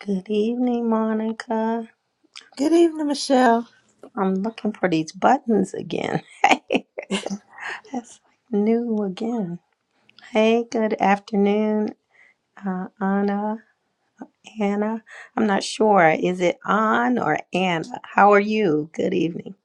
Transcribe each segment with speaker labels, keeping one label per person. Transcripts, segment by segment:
Speaker 1: Good evening, Monica.
Speaker 2: Good evening, Michelle.
Speaker 1: I'm looking for these buttons again. That's like new again. Hey, good afternoon, uh, Anna. Anna. I'm not sure. Is it An or Anna? How are you? Good evening.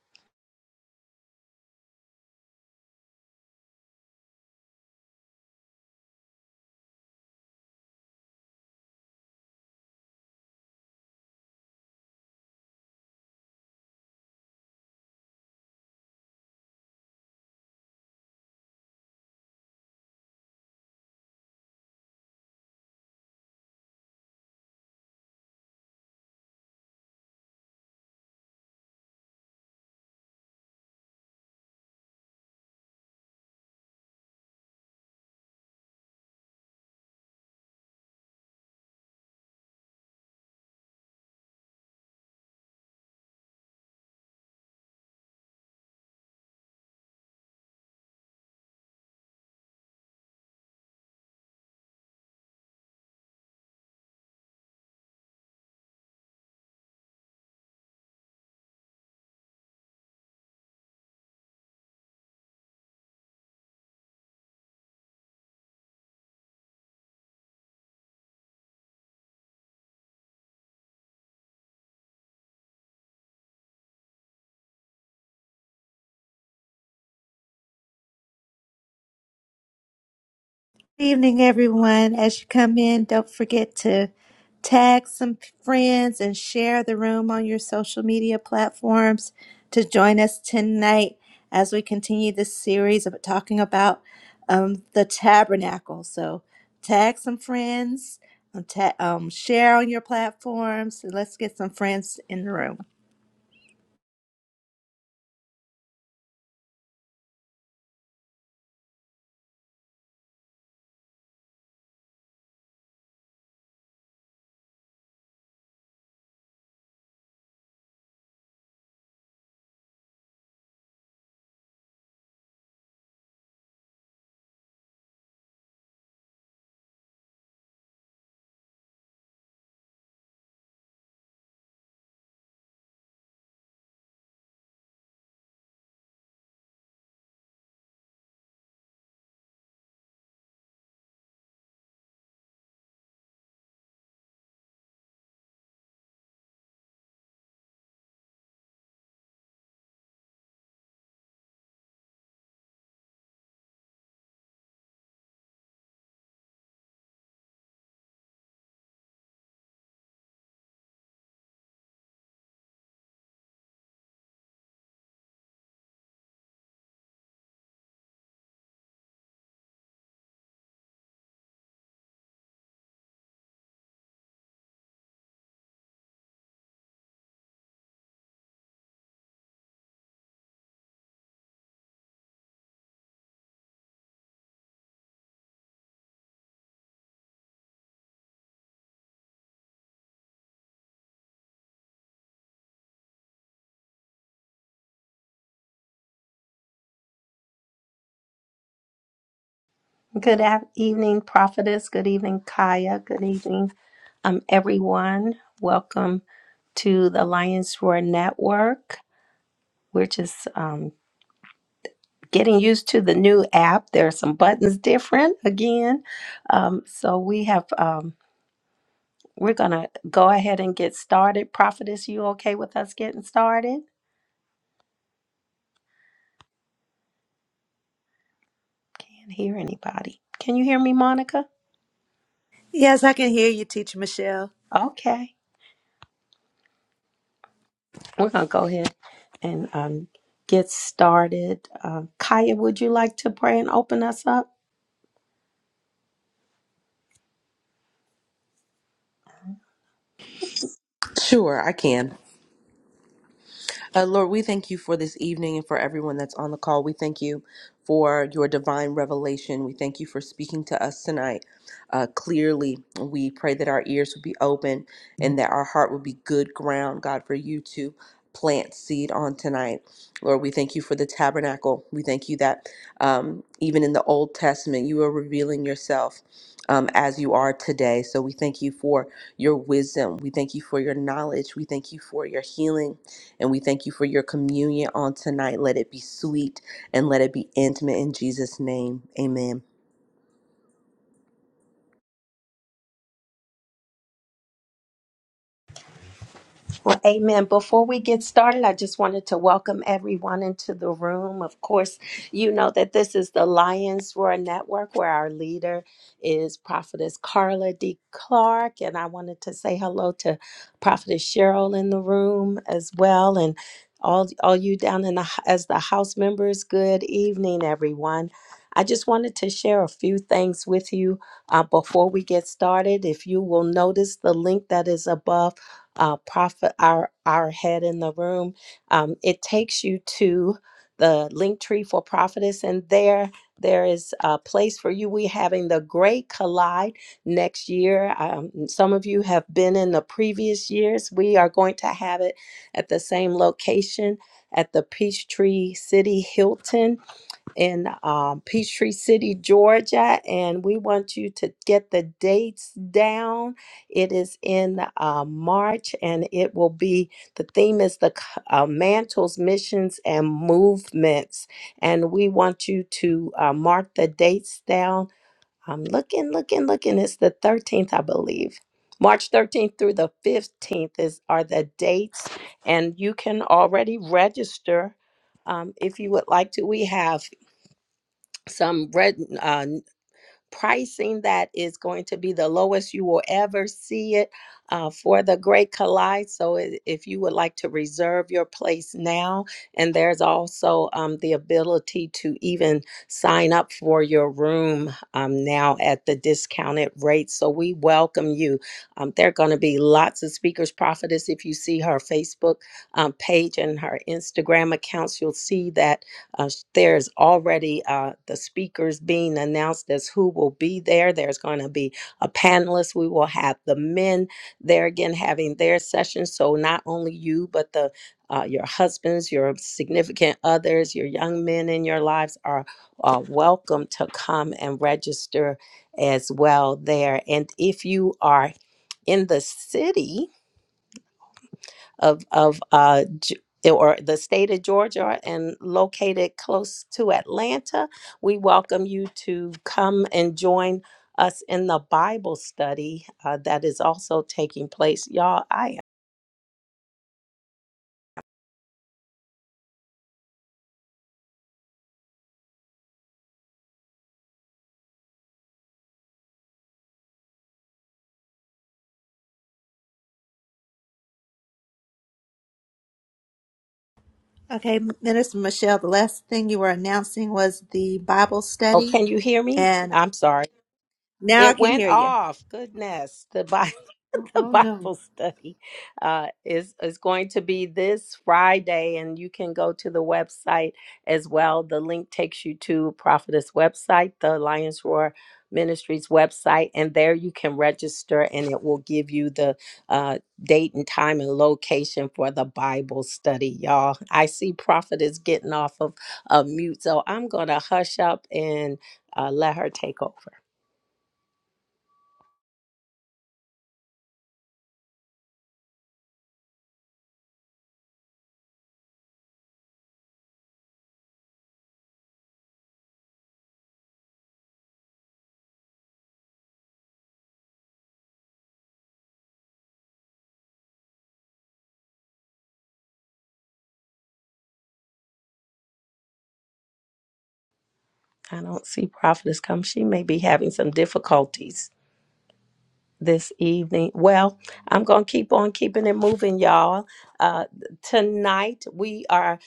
Speaker 2: Good evening, everyone. As you come in, don't forget to tag some friends and share the room on your social media platforms to join us tonight as we continue this series of talking about um, the tabernacle. So, tag some friends, um, ta- um, share on your platforms, and let's get some friends in the room.
Speaker 1: Good af- evening, Prophetess. Good evening, Kaya. Good evening, um, everyone. Welcome to the Lions Roar Network. We're just um. getting used to the new app. There are some buttons different again. Um, so we have um, we're gonna go ahead and get started. Prophetess, you okay with us getting started? Can't hear anybody. Can you hear me, Monica?
Speaker 2: Yes, I can hear you, Teacher Michelle.
Speaker 1: Okay, we're gonna go ahead and um, get started. Uh, Kaya, would you like to pray and open us up?
Speaker 3: Sure, I can. Uh, Lord, we thank you for this evening and for everyone that's on the call. We thank you for your divine revelation. We thank you for speaking to us tonight uh, clearly. We pray that our ears would be open and that our heart would be good ground, God, for you to plant seed on tonight. Lord, we thank you for the tabernacle. We thank you that um, even in the Old Testament, you are revealing yourself. Um, as you are today. So we thank you for your wisdom. We thank you for your knowledge. We thank you for your healing. And we thank you for your communion on tonight. Let it be sweet and let it be intimate in Jesus' name. Amen.
Speaker 1: Well, amen. Before we get started, I just wanted to welcome everyone into the room. Of course, you know that this is the Lions Roar Network where our leader is Prophetess Carla D. Clark. And I wanted to say hello to Prophetess Cheryl in the room as well. And all, all you down in the h- as the house members, good evening, everyone. I just wanted to share a few things with you uh, before we get started. If you will notice the link that is above uh, prophet, our our head in the room. Um, it takes you to the link tree for prophetess, and there there is a place for you. We're having the Great Collide next year. Um, some of you have been in the previous years. We are going to have it at the same location at the Peachtree City Hilton in um, Peachtree City, Georgia, and we want you to get the dates down. It is in uh, March, and it will be the theme is the c- uh, mantles, missions, and movements, and we want you to uh, mark the dates down. I'm looking, looking, looking. It's the 13th, I believe. March 13th through the 15th is are the dates, and you can already register um, if you would like to. We have some red uh, pricing that is going to be the lowest you will ever see it uh, for the Great Collide. So i- if you would like to reserve your place now, and there's also um, the ability to even sign up for your room um, now at the discounted rate. So we welcome you. Um, there are going to be lots of speakers, prophetess. If you see her Facebook um, page and her Instagram accounts, you'll see that uh, s- there's already uh, the speakers being announced as who will be there. There's going to be a panelist. We will have the men there again having their session. So not only you, but the uh, your husbands, your significant others, your young men in your lives are uh, welcome to come and register as well there. And if you are in the city, of of uh G- or the state of Georgia and located close to Atlanta, we welcome you to come and join us in the Bible study uh, that is also taking place. Y'all, I am.
Speaker 2: Okay, Minister Michelle, the last thing you were announcing was the Bible
Speaker 1: Oh,
Speaker 2: study,
Speaker 1: can you hear me?
Speaker 2: and
Speaker 1: I'm sorry.
Speaker 2: now I
Speaker 1: It
Speaker 2: can
Speaker 1: went
Speaker 2: hear you.
Speaker 1: off. Goodness, the Bible,
Speaker 2: Oh,
Speaker 1: the
Speaker 2: oh, no.
Speaker 1: Bible study uh, is is going to be this Friday, and you can go to the website as well. The link takes you to Prophetess website, the Lions Roar Ministries website, and there you can register, and it will give you the uh, date and time and location for the Bible study, y'all. I see Prophet is getting off of a mute, so I'm gonna hush up and uh, let her take over. I don't see Prophetess come. She may be having some difficulties. this evening. Well, I'm going to keep on keeping it moving, y'all. Uh, tonight, we are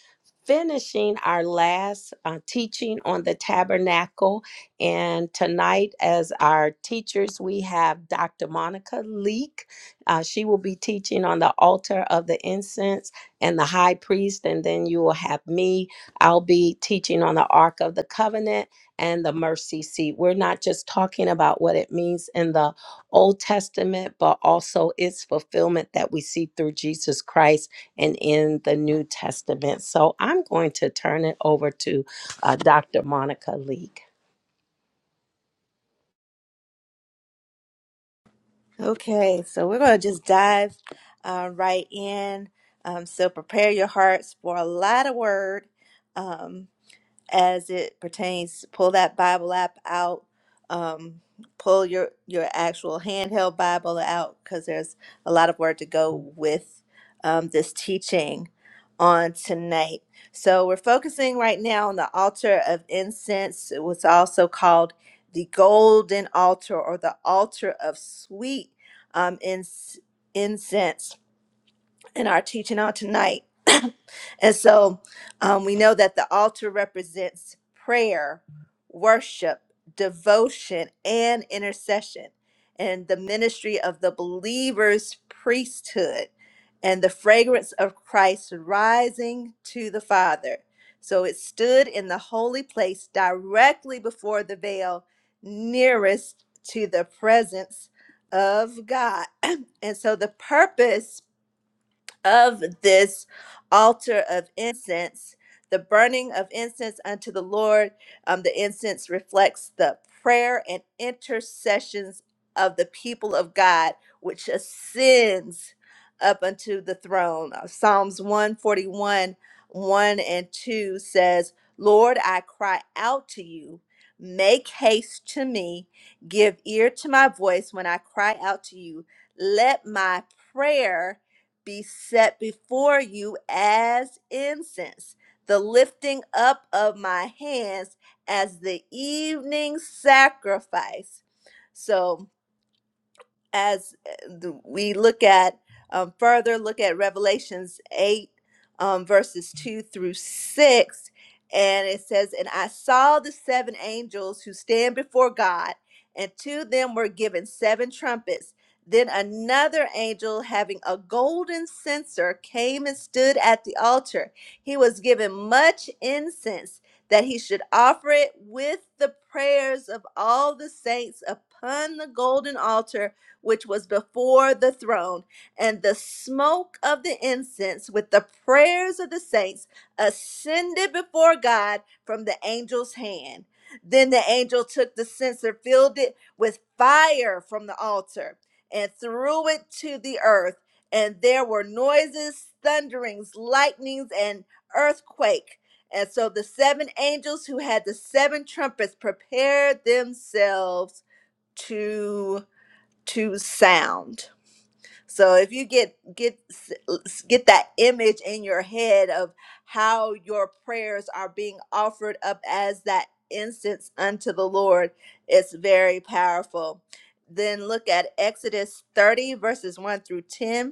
Speaker 1: finishing our last uh, teaching on the tabernacle. And tonight, as our teachers, we have Dr. Monica Leek. Uh, she will be teaching on the altar of the incense and the high priest. And then you will have me. I'll be teaching on the Ark of the Covenant and the mercy seat. We're not just talking about what it means in the Old Testament, but also its fulfillment that we see through Jesus Christ and in the New Testament. So I'm going to turn it over to uh, Dr. Monica Leek.
Speaker 2: Okay, so we're going to just dive uh, right in. Um, so prepare your hearts for a lot of word. Um, as it pertains pull that bible app out um, pull your your actual handheld bible out because there's a lot of word to go with um, this teaching on tonight so we're focusing right now on the altar of incense it was also called the golden altar or the altar of sweet um, ins- incense in our teaching on tonight. and so um, we know that the altar represents prayer, worship, devotion, and intercession, and the ministry of the believer's priesthood, and the fragrance of Christ rising to the Father. So it stood in the holy place directly before the veil, nearest to the presence of God. and so the purpose of this altar of incense, the burning of incense unto the Lord. Um, the incense reflects the prayer and intercessions of the people of God, which ascends up unto the throne. Uh, Psalms 141, 1 and 2 says, Lord, I cry out to you. Make haste to me. Give ear to my voice when I cry out to you. Let my prayer be set before you as incense, the lifting up of my hands as the evening sacrifice. So, as uh, the- we look at um, further look at revelations 8 um, verses 2 through 6 and it says and i saw the seven angels who stand before god and to them were given seven trumpets then another angel having a golden censer came and stood at the altar he was given much incense that he should offer it with the prayers of all the saints upon the golden altar which was before the throne, and the smoke of the incense with the prayers of the saints ascended before God from the angel's hand. Then the angel took the censer, filled it with fire from the altar, and threw it to the earth. And there were noises, thunderings, lightnings, and earthquake. And so the seven angels who had the seven trumpets prepared themselves to to sound. So if you get get get that image in your head of how your prayers are being offered up as that incense unto the Lord, it's very powerful. Then look at Exodus 30 verses 1 through 10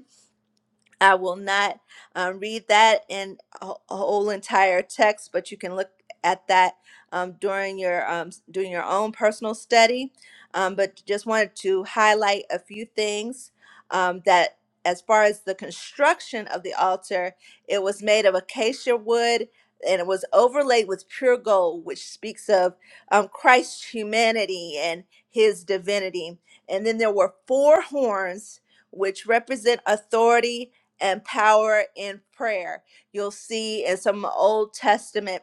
Speaker 2: I will not um, read that in a wh- a whole entire text, but you can look at that um, during your um, s- doing your own personal study. Um, but just wanted to highlight a few things um, that, as far as the construction of the altar, it was made of acacia wood and it was overlaid with pure gold, which speaks of um, Christ's humanity and his divinity. And then there were four horns, which represent authority and power in prayer. You'll see in some Old Testament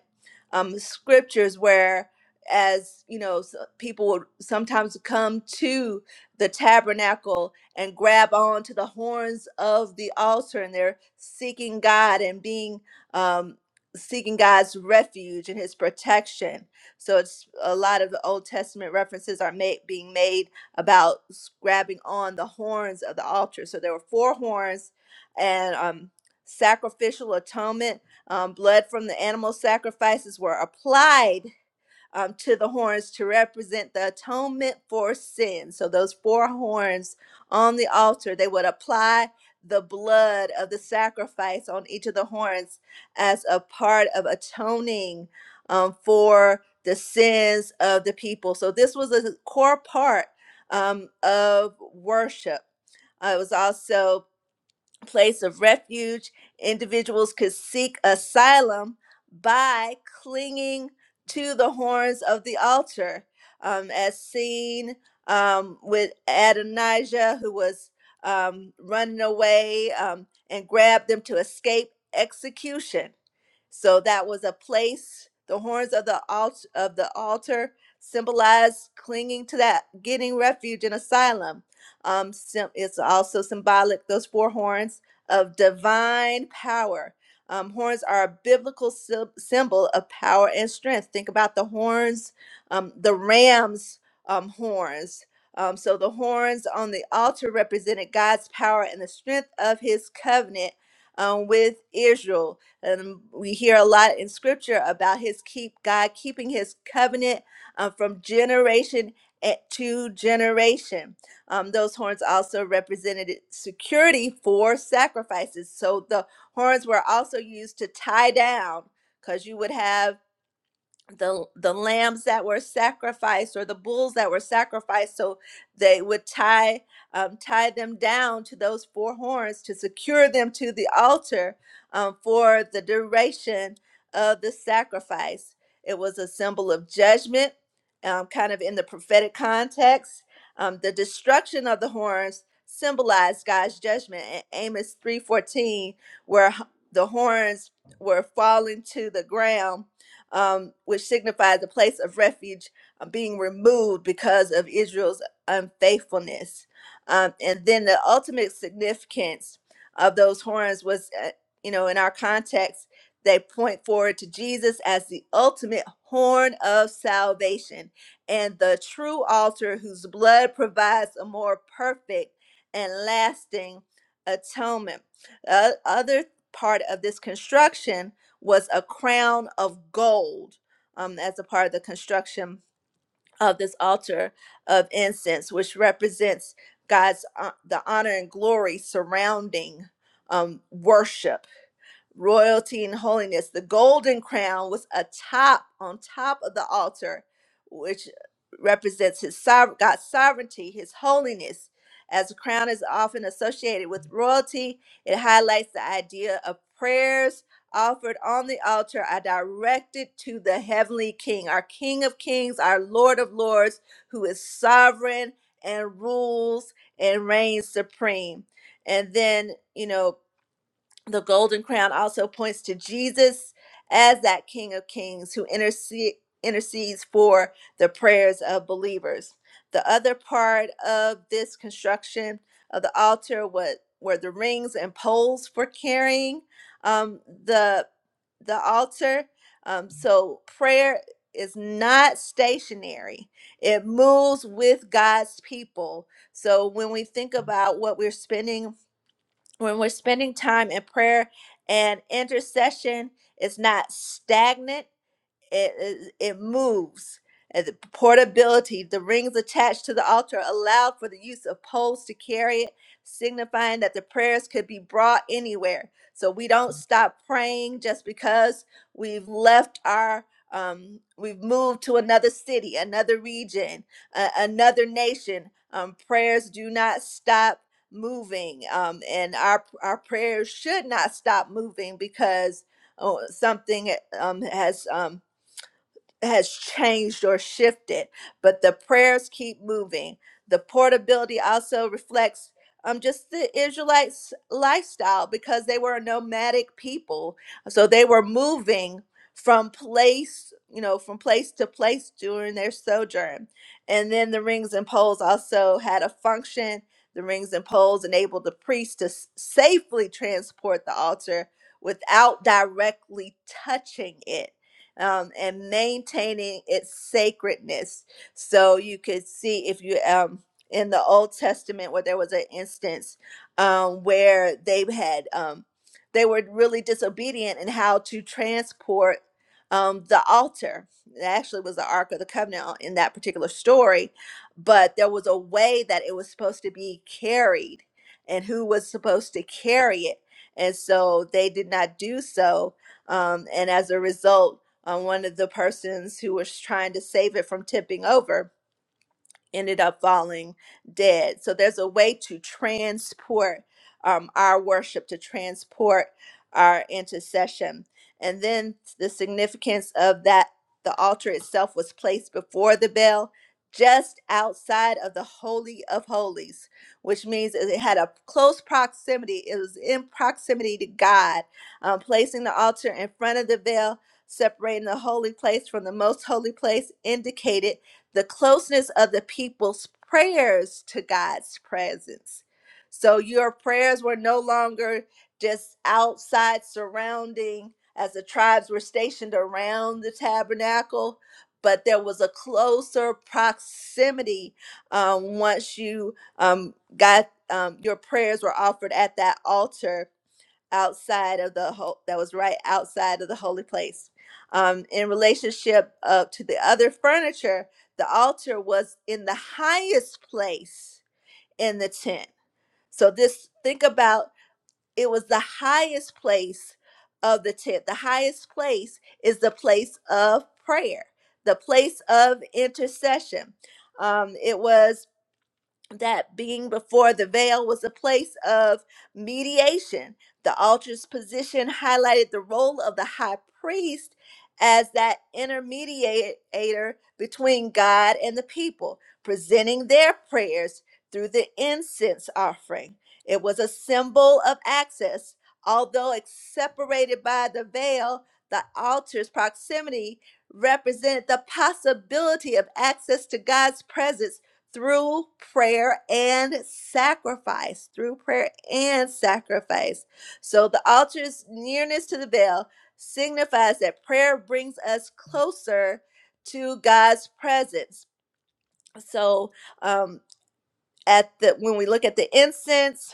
Speaker 2: um, scriptures where, as you know, s- people would sometimes come to the tabernacle and grab on to the horns of the altar, and they're seeking God and being um, seeking God's refuge and His protection. So it's a lot of the Old Testament references are made being made about s- grabbing on the horns of the altar. So there were four horns and um, sacrificial atonement. Um, blood from the animal sacrifices were applied um, to the horns to represent the atonement for sin. So those four horns on the altar, they would apply the blood of the sacrifice on each of the horns as a part of atoning um, for the sins of the people. So this was a core part um, of worship. Uh, it was also place of refuge. Individuals could seek asylum by clinging to the horns of the altar, um, as seen um, with Adonijah, who was um, running away um, and grabbed them to escape execution. So that was a place. The horns of the alt- of the altar symbolized clinging to that, getting refuge and asylum um, sim- it's also symbolic, those four horns of divine power. Um, horns are a biblical sy- symbol of power and strength. Think about the horns, um, the ram's um, horns. Um, so the horns on the altar represented God's power and the strength of his covenant um, with Israel. And we hear a lot in scripture about his keep, God keeping his covenant uh, from generation eh, to generation. Um, those horns also represented security for sacrifices. So the horns were also used to tie down because you would have the the lambs that were sacrificed or the bulls that were sacrificed so they would tie um, tie them down to those four horns to secure them to the altar um, for the duration of the sacrifice it was a symbol of judgment um, kind of in the prophetic context um, the destruction of the horns symbolized god's judgment in amos 3.14 where h- the horns were falling to the ground um, which signifies a place of refuge uh, being removed because of Israel's unfaithfulness. Um, and then the ultimate significance of those horns was, uh, you know, in our context, they point forward to Jesus as the ultimate horn of salvation and the true altar whose blood provides a more perfect and lasting atonement. Uh, other part of this construction was a crown of gold um, as a part of the construction of this altar of incense, which represents God's uh, the honor and glory surrounding um, worship royalty and holiness. The golden crown was atop on top of the altar, which represents his sover- God's sovereignty, his holiness. As a crown is often associated with royalty, it highlights the idea of prayers offered on the altar are directed to the heavenly King, our King of Kings, our Lord of Lords, who is sovereign and rules and reigns supreme. And then, you know, the golden crown also points to Jesus as that King of Kings who intercede, intercedes for the prayers of believers. The other part of this construction of the altar was, were the rings and poles for carrying um, the, the altar. Um, so prayer is not stationary, it moves with God's people. So when we think about what we're spending when we're spending time in prayer and intercession, it's not stagnant it it it moves and the portability the rings attached to the altar allowed for the use of poles to carry it signifying that the prayers could be brought anywhere so we don't stop praying just because we've left our um, we've moved to another city another region uh, another nation um, prayers do not stop moving um, and our our prayers should not stop moving because oh, something um, has um, has changed or shifted, but the prayers keep moving. The portability also reflects um, just the Israelites' lifestyle because they were a nomadic people. So they were moving from place, you know, from place to place during their sojourn. And then the rings and poles also had a function. The rings and poles enabled the priest to s- safely transport the altar without directly touching it um, and maintaining its sacredness. So you could see if you um, in the Old Testament where there was an instance um, where they had um, they were really disobedient in how to transport um, the altar. It actually was the Ark of the Covenant on- in that particular story, but there was a way that it was supposed to be carried and who was supposed to carry it. And so they did not do so. Um, and as a result, uh, one of the persons who was trying to save it from tipping over ended up falling dead. So there's a way to transport um, our worship, to transport our intercession. And then the significance of that the altar itself was placed before the veil, just outside of the Holy of Holies, which means it had a close proximity. It was in proximity to God. Um, placing the altar in front of the veil separating the holy place from the most holy place indicated the closeness of the people's prayers to God's presence. So your prayers were no longer just outside surrounding as the tribes were stationed around the tabernacle, but there was a closer proximity um, once you um, got um, your prayers were offered at that altar outside of the ho- that was right outside of the holy place. Um, in relationship uh, to the other furniture, the altar was in the highest place in the tent. So this think about it was the highest place of the tent. The highest place is the place of prayer, the place of intercession. Um, it was that being before the veil was a place of mediation. The altar's position highlighted the role of the high priest as that intermediator between God and the people, presenting their prayers through the incense offering. It was a symbol of access. Although it's separated by the veil, the altar's proximity represented the possibility of access to God's presence through prayer and sacrifice, through prayer and sacrifice. So the altar's nearness to the veil signifies that prayer brings us closer to God's presence. So, um at the when we look at the incense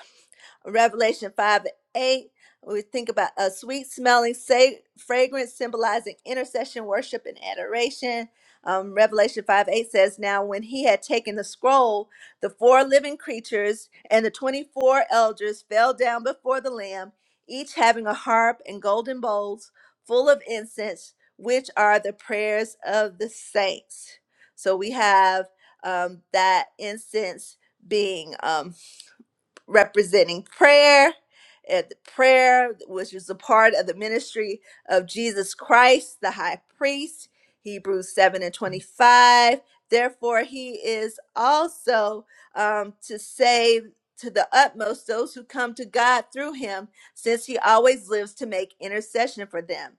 Speaker 2: revelation 5 8 we think about a sweet smelling sa- fragrance symbolizing intercession worship and adoration um, revelation 5 8 says now when he had taken the scroll the four living creatures and the 24 elders fell down before the lamb each having a harp and golden bowls full of incense which are the prayers of the saints so we have um, that incense being um, representing prayer and the prayer which is a part of the ministry of jesus christ the high priest hebrews 7 and 25 therefore he is also um, to save to the utmost those who come to god through him since he always lives to make intercession for them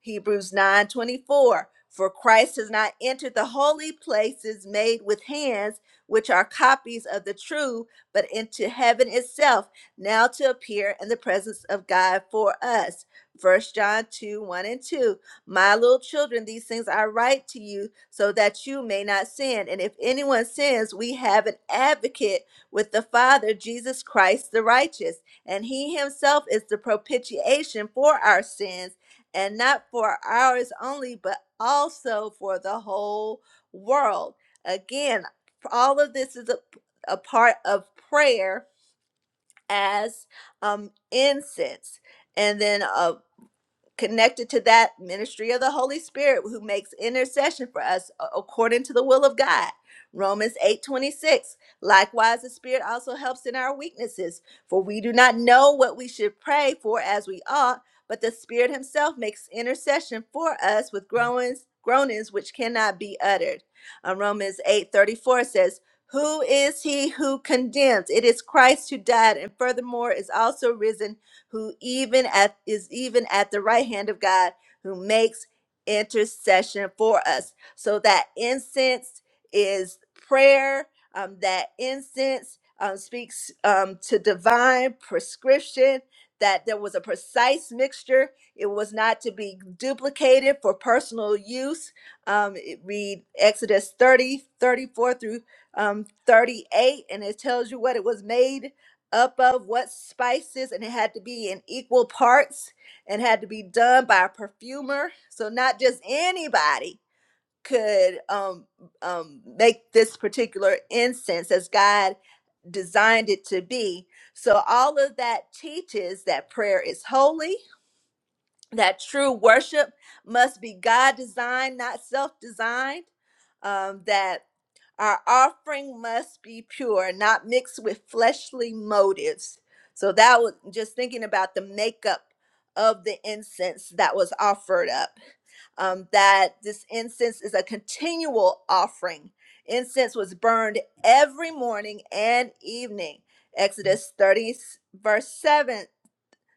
Speaker 2: hebrews 9 24. for christ has not entered the holy places made with hands which are copies of the true but into heaven itself, now to appear in the presence of God for us. First John 2 1 and 2. My little children, these things I write to you so that you may not sin. And if anyone sins, we have an advocate with the Father, Jesus Christ the righteous. And he himself is the propitiation for our sins, and not for ours only, but also for the whole world. Again, all of this is a part of prayer as um, incense. And then uh, connected to that ministry of the Holy Spirit who makes intercession for us a- according to the will of God. Romans 8:26. Likewise the Spirit also helps in our weaknesses, for we do not know what we should pray for as we ought, but the Spirit himself makes intercession for us with groanings groanings which cannot be uttered. Uh, Romans 8:34 says, "Who is he who condemns? It is Christ who died and furthermore is also risen who even at is even at the right hand of God, who makes intercession for us. So that incense is prayer. Um, that incense um, speaks um, to divine prescription. That there was a precise mixture. It was not to be duplicated for personal use. Um, it- read Exodus 30 34 through um, 38, and it tells you what it was made up of what spices and it had to be in equal parts and had to be done by a perfumer so not just anybody could um, um, make this particular incense as god designed it to be so all of that teaches that prayer is holy that true worship must be god designed not self-designed um, that our offering must be pure, not mixed with fleshly motives. So that was just thinking about the makeup of the incense that was offered up. Um, that this incense is a continual offering. Incense was burned every morning and evening. Exodus 30, verse 7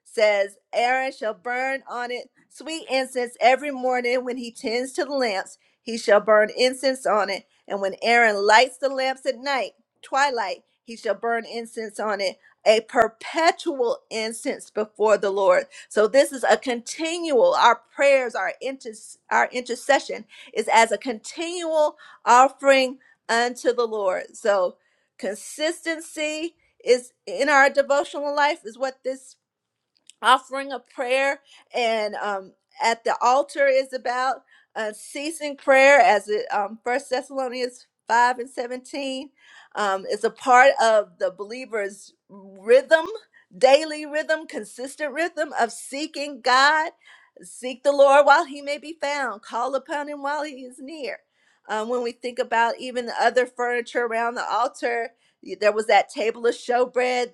Speaker 2: says, Aaron shall burn on it sweet incense every morning when he tends to the lamps. He shall burn incense on it. And when Aaron lights the lamps at night, twilight, he shall burn incense on it, a perpetual incense before the Lord. So this is a continual, our prayers, our, inter- our intercession is as a continual offering unto the Lord. So consistency is in our devotional life is what this offering a prayer and um, at the altar is about uh, ceasing prayer as it um, first thessalonians 5 and 17 um, is a part of the believer's rhythm daily rhythm consistent rhythm of seeking god seek the lord while he may be found call upon him while he is near um, when we think about even the other furniture around the altar there was that table of showbread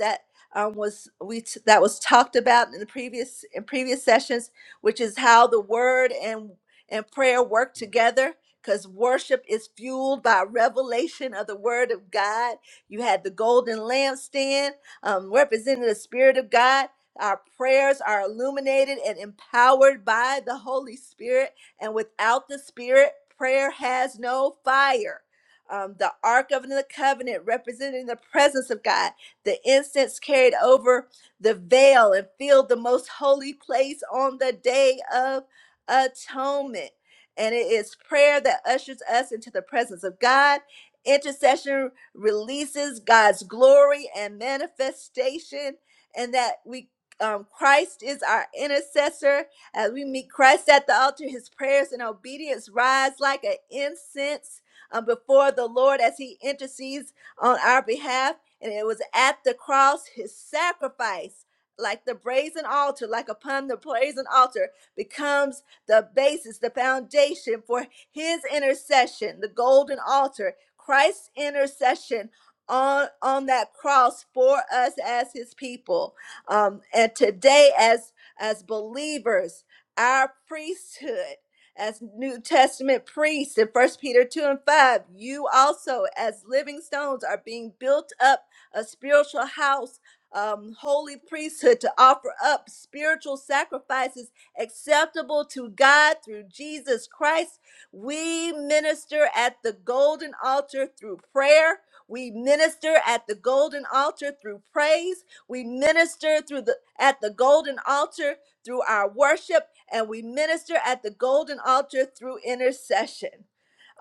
Speaker 2: um, was we t- that was talked about in the previous in previous sessions, which is how the word and and prayer work together. Because worship is fueled by revelation of the word of God. You had the golden lampstand um, representing the spirit of God. Our prayers are illuminated and empowered by the Holy Spirit, and without the Spirit, prayer has no fire um, the Ark of the Covenant, representing the presence of God. The incense carried over the veil and filled the most holy place on the day of atonement. And it is prayer that ushers us into the presence of God. Intercession releases God's glory and manifestation, and that we um, Christ is our intercessor. As we meet Christ at the altar, his prayers and obedience rise like an incense um, before the Lord as he intercedes on our behalf. And it was at the cross, his sacrifice, like the brazen altar, like upon the brazen altar, becomes the basis, the foundation for his intercession, the golden altar, Christ's intercession on, on that cross for us as his people. Um, and today, as, as believers, our priesthood, as New Testament priests in First Peter 2 and 5, you also, as living stones, are being built up a spiritual house, um, holy priesthood to offer up spiritual sacrifices acceptable to God through Jesus Christ. We minister at the golden altar through prayer. We minister at the golden altar through praise. We minister through the at the golden altar through our worship, and we minister at the golden altar through intercession.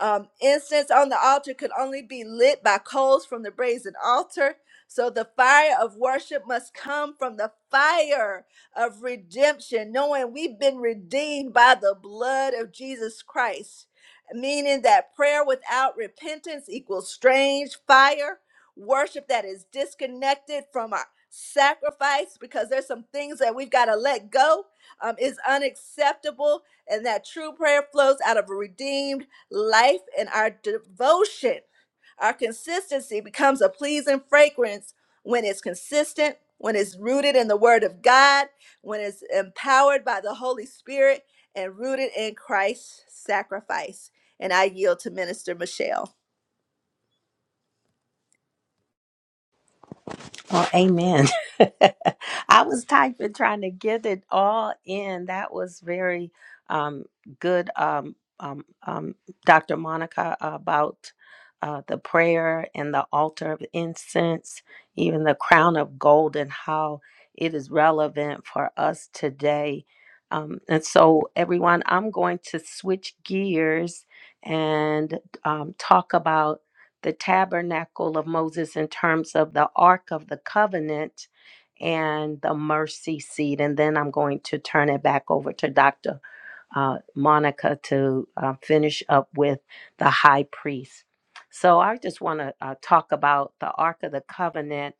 Speaker 2: Um, incense on the altar could only be lit by coals from the brazen altar. So the fire of worship must come from the fire of redemption, knowing we've been redeemed by the blood of Jesus Christ, meaning that prayer without repentance equals strange fire, worship that is disconnected from our sacrifice because there's some things that we've got to let go um, is unacceptable and that true prayer flows out of a redeemed life and our devotion, our consistency becomes a pleasing fragrance when it's consistent, when it's rooted in the Word of God, when it's empowered by the Holy Spirit, and rooted in Christ's sacrifice. And I yield to Minister Michelle.
Speaker 1: Well, amen. I was typing, trying to get it all in. That was very um, good, um, um, um, Dr. Monica, about uh, the prayer and the altar of incense, even the crown of gold, and how it is relevant for us today. Um, and so, everyone, I'm going to switch gears and um, talk about the tabernacle of Moses in terms of the Ark of the Covenant and the mercy seat. And then I'm going to turn it back over to Dr uh, Monica to uh, finish up with the high priest. So I just want to uh, talk about the Ark of the Covenant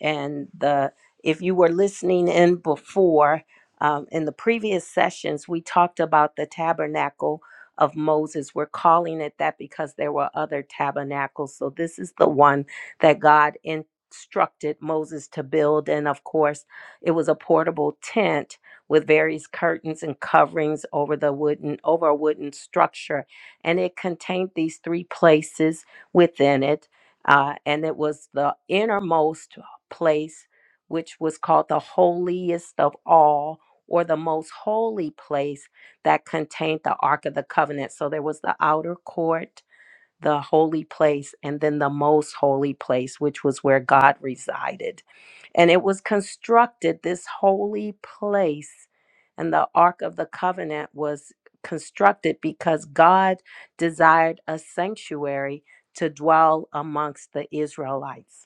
Speaker 1: and the. If you were listening in before, um, in the previous sessions, we talked about the tabernacle of Moses. We're calling it that because there were other tabernacles. So this is the one that God instructed Moses to build, and of course, it was a portable tent with various curtains and coverings over the wooden over a wooden structure and it contained these three places within it uh, and it was the innermost place which was called the holiest of all or the most holy place that contained the ark of the covenant so there was the outer court the holy place, and then the most holy place, which was where God resided. And it was constructed, this holy place, and the Ark of the Covenant was constructed because God desired a sanctuary to dwell amongst the Israelites.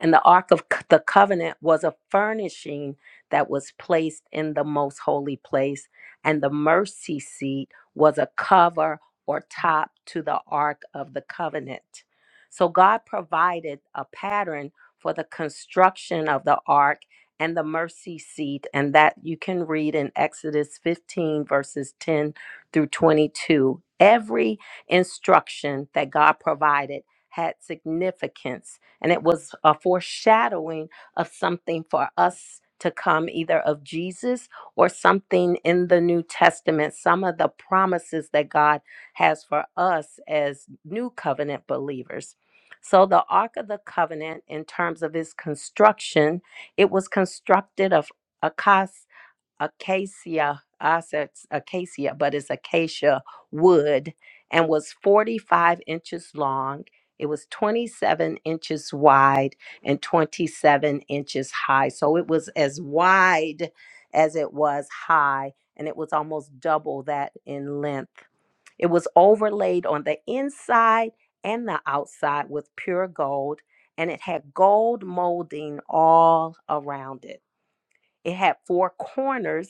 Speaker 1: And the Ark of C- the Covenant was a furnishing that was placed in the most holy place. And the mercy seat was a cover or top to the Ark of the Covenant. So God provided a pattern for the construction of the Ark and the mercy seat. And that you can read in Exodus 15, verses 10 through 22. Every instruction that God provided had significance and it was a foreshadowing of something for us to come, either of Jesus or something in the New Testament, some of the promises that God has for us as new covenant believers. So, the Ark of the Covenant, in terms of its construction, it was constructed of acacia acacia, I said s- acacia, but it's acacia wood, and was 45 inches long. It was 27 inches wide and 27 inches high. So it was as wide as it was high, and it was almost double that in length. It was overlaid on the inside and the outside with pure gold, and it had gold molding all around it. It had four corners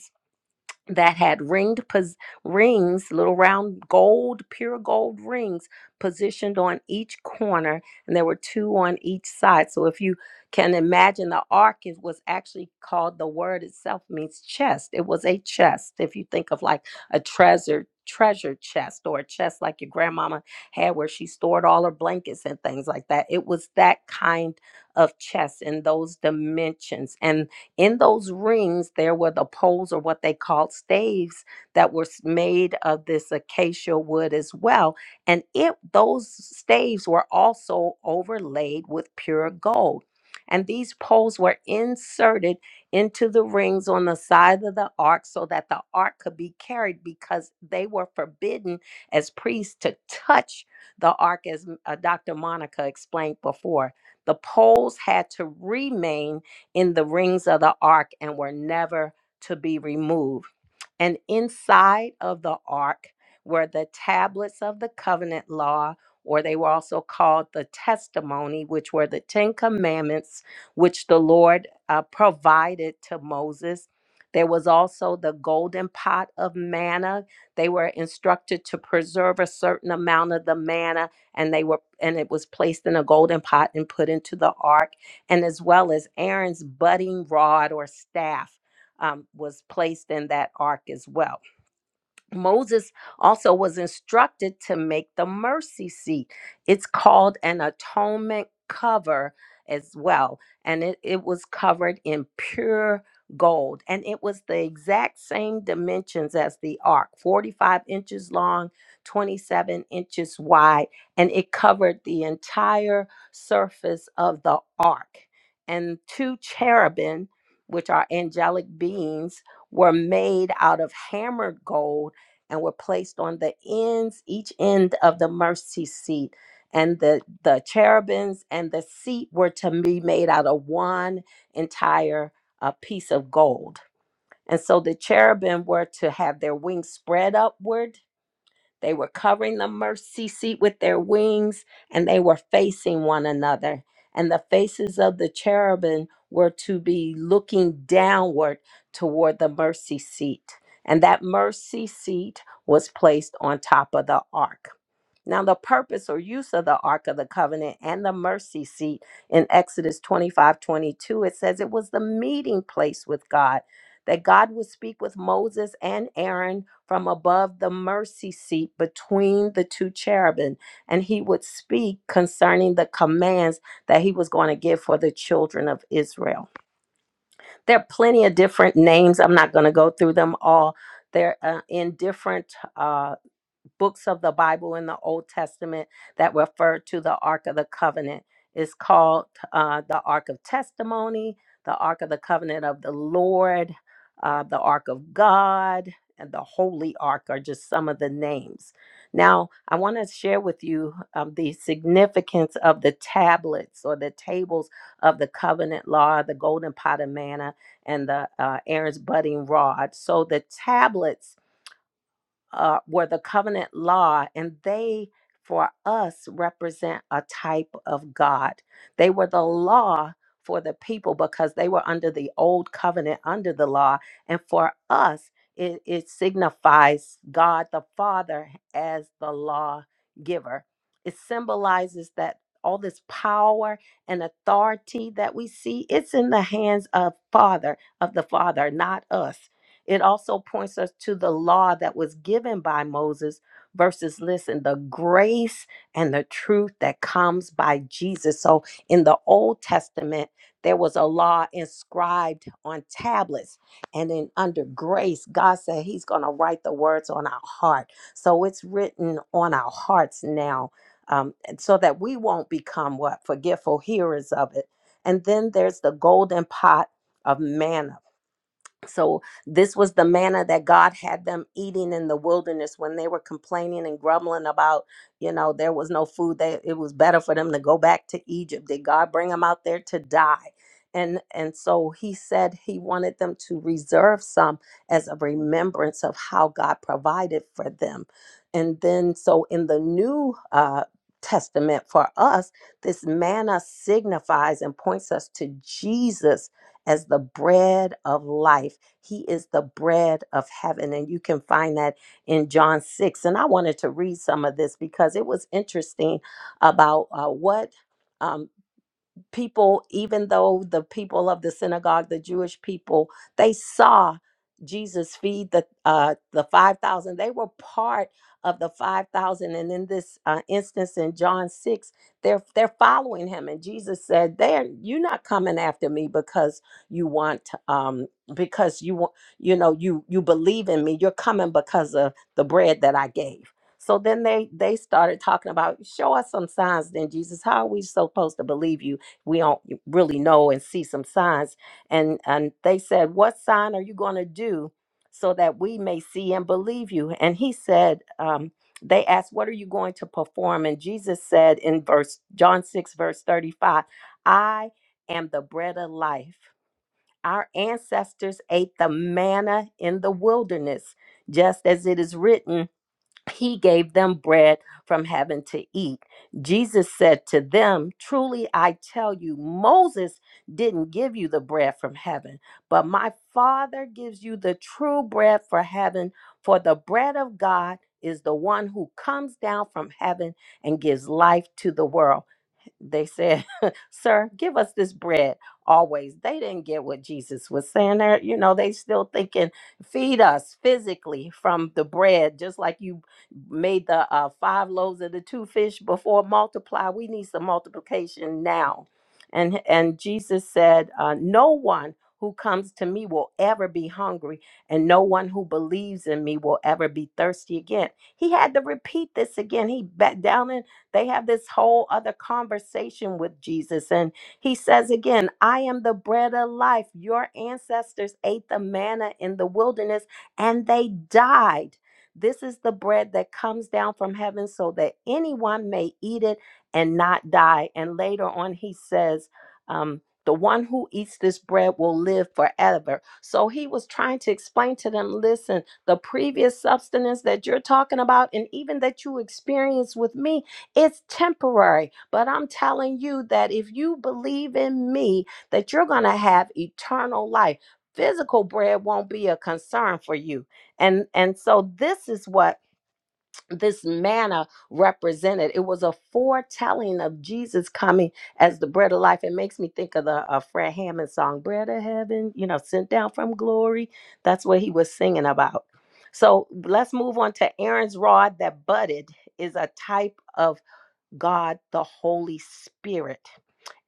Speaker 1: that had ringed pos- rings, little round gold, pure gold rings positioned on each corner, and there were two on each side. So if you can imagine, the ark is, was actually called the word itself means chest. It was a chest. If you think of like a treasure treasure chest or a chest like your grandmama had where she stored all her blankets and things like that it was that kind of chest in those dimensions And in those rings, there were the poles or what they called staves that were s- made of this acacia wood as well. And it, those staves were also overlaid with pure gold. And these poles were inserted into the rings on the side of the ark so that the ark could be carried because they were forbidden as priests to touch the ark, as uh, Dr. Monica explained before. The poles had to remain in the rings of the ark and were never to be removed. And inside of the ark were the tablets of the covenant law, or they were also called the testimony, which were the Ten Commandments, which the Lord uh, provided to Moses. There was also the golden pot of manna. They were instructed to preserve a certain amount of the manna, and they were and it was placed in a golden pot and put into the ark and as well as Aaron's budding rod or staff um, was placed in that ark as well. Moses also was instructed to make the mercy seat. It's called an atonement cover as well. And it, it was covered in pure gold. And it was the exact same dimensions as the ark 45 inches long, 27 inches wide. And it covered the entire surface of the ark. And two cherubim, which are angelic beings, were made out of hammered gold and were placed on the ends, each end of the mercy seat. And the, the cherubims and the seat were to be made out of one entire uh, piece of gold. And so the cherubim were to have their wings spread upward they were covering the mercy seat with their wings, and they were facing one another. And the faces of the cherubim were to be looking downward toward the mercy seat. And that mercy seat was placed on top of the ark. Now, the purpose or use of the Ark of the Covenant and the mercy seat in Exodus 25 22, it says it was the meeting place with God, that God would speak with Moses and Aaron from above the mercy seat between the two cherubim, and he would speak concerning the commands that he was going to give for the children of Israel. There are plenty of different names. I'm not going to go through them all. They're uh, in different. uh, books of the Bible in the Old Testament that refer to the Ark of the Covenant. It's called uh, the Ark of Testimony, the Ark of the Covenant of the Lord, uh, the Ark of God, and the Holy Ark are just some of the names. Now, I want to share with you um, the significance of the tablets or the tables of the covenant law, the golden pot of manna, and the uh, Aaron's budding rod. So, the tablets uh, were the covenant law, and they, for us, represent a type of God. They were the law for the people because they were under the old covenant, under the law. And for us, it, it signifies God the Father as the law giver. It symbolizes that all this power and authority that we see it's in the hands of father of the father not us it also points us to the law that was given by Moses versus, listen, the grace and the truth that comes by Jesus. So in the Old Testament, there was a law inscribed on tablets. And then under grace, God said He's going to write the words on our heart. So it's written on our hearts now um, and so that we won't become what? Forgetful hearers of it. And then there's the golden pot of manna so, this was the manna that God had them eating in the wilderness when they were complaining and grumbling about, you know, there was no food. They, it was better for them to go back to Egypt. Did God bring them out there to die? And, and so he said he wanted them to reserve some as a remembrance of how God provided for them. And then, so in the New uh, Testament for us, this manna signifies and points us to Jesus as the bread of life. He is the bread of heaven. And you can find that in John 6. And I wanted to read some of this because it was interesting about uh, what. Um, people, even though the people of the synagogue, the Jewish people, they saw Jesus feed the uh, the five thousand. They were part of the five thousand, and in this uh, instance, in John six, they're they're following him, and Jesus said, "There, you're not coming after me because you want um because you want you know you you believe in me. You're coming because of the bread that I gave." So then they they started talking about show us some signs then Jesus how are we supposed to believe you we don't really know and see some signs and and they said what sign are you going to do so that we may see and believe you and he said um they asked what are you going to perform and jesus said in verse john 6 verse 35 i am the bread of life our ancestors ate the manna in the wilderness just as it is written he gave them bread from heaven to eat. Jesus said to them, Truly I tell you, Moses didn't give you the bread from heaven, but my Father gives you the true bread for heaven, for the bread of God is the one who comes down from heaven and gives life to the world they said, Sir, give us this bread always. They didn't get what Jesus was saying there. You know, they still thinking, feed us physically from the bread, just like you made the uh, five loaves of the two fish before multiply. We need some multiplication now. And and Jesus said, uh, No one who comes to me will ever be hungry, and no one who believes in me will ever be thirsty again. He had to repeat this again. He back down in they have this whole other conversation with Jesus. And he says again, I am the bread of life. Your ancestors ate the manna in the wilderness and they died. This is the bread that comes down from heaven so that anyone may eat it and not die. And later on, he says, um, the one who eats this bread will live forever. So he was trying to explain to them listen, the previous substance that you're talking about and even that you experienced with me it's temporary, but I'm telling you that if you believe in me, that you're going to have eternal life. Physical bread won't be a concern for you. And and so this is what this manna represented. It was a foretelling of Jesus coming as the bread of life. It makes me think of the uh, Fred Hammond song, Bread of Heaven, you know, sent down from glory. That's what he was singing about. So let's move on to Aaron's rod that budded is a type of God the Holy Spirit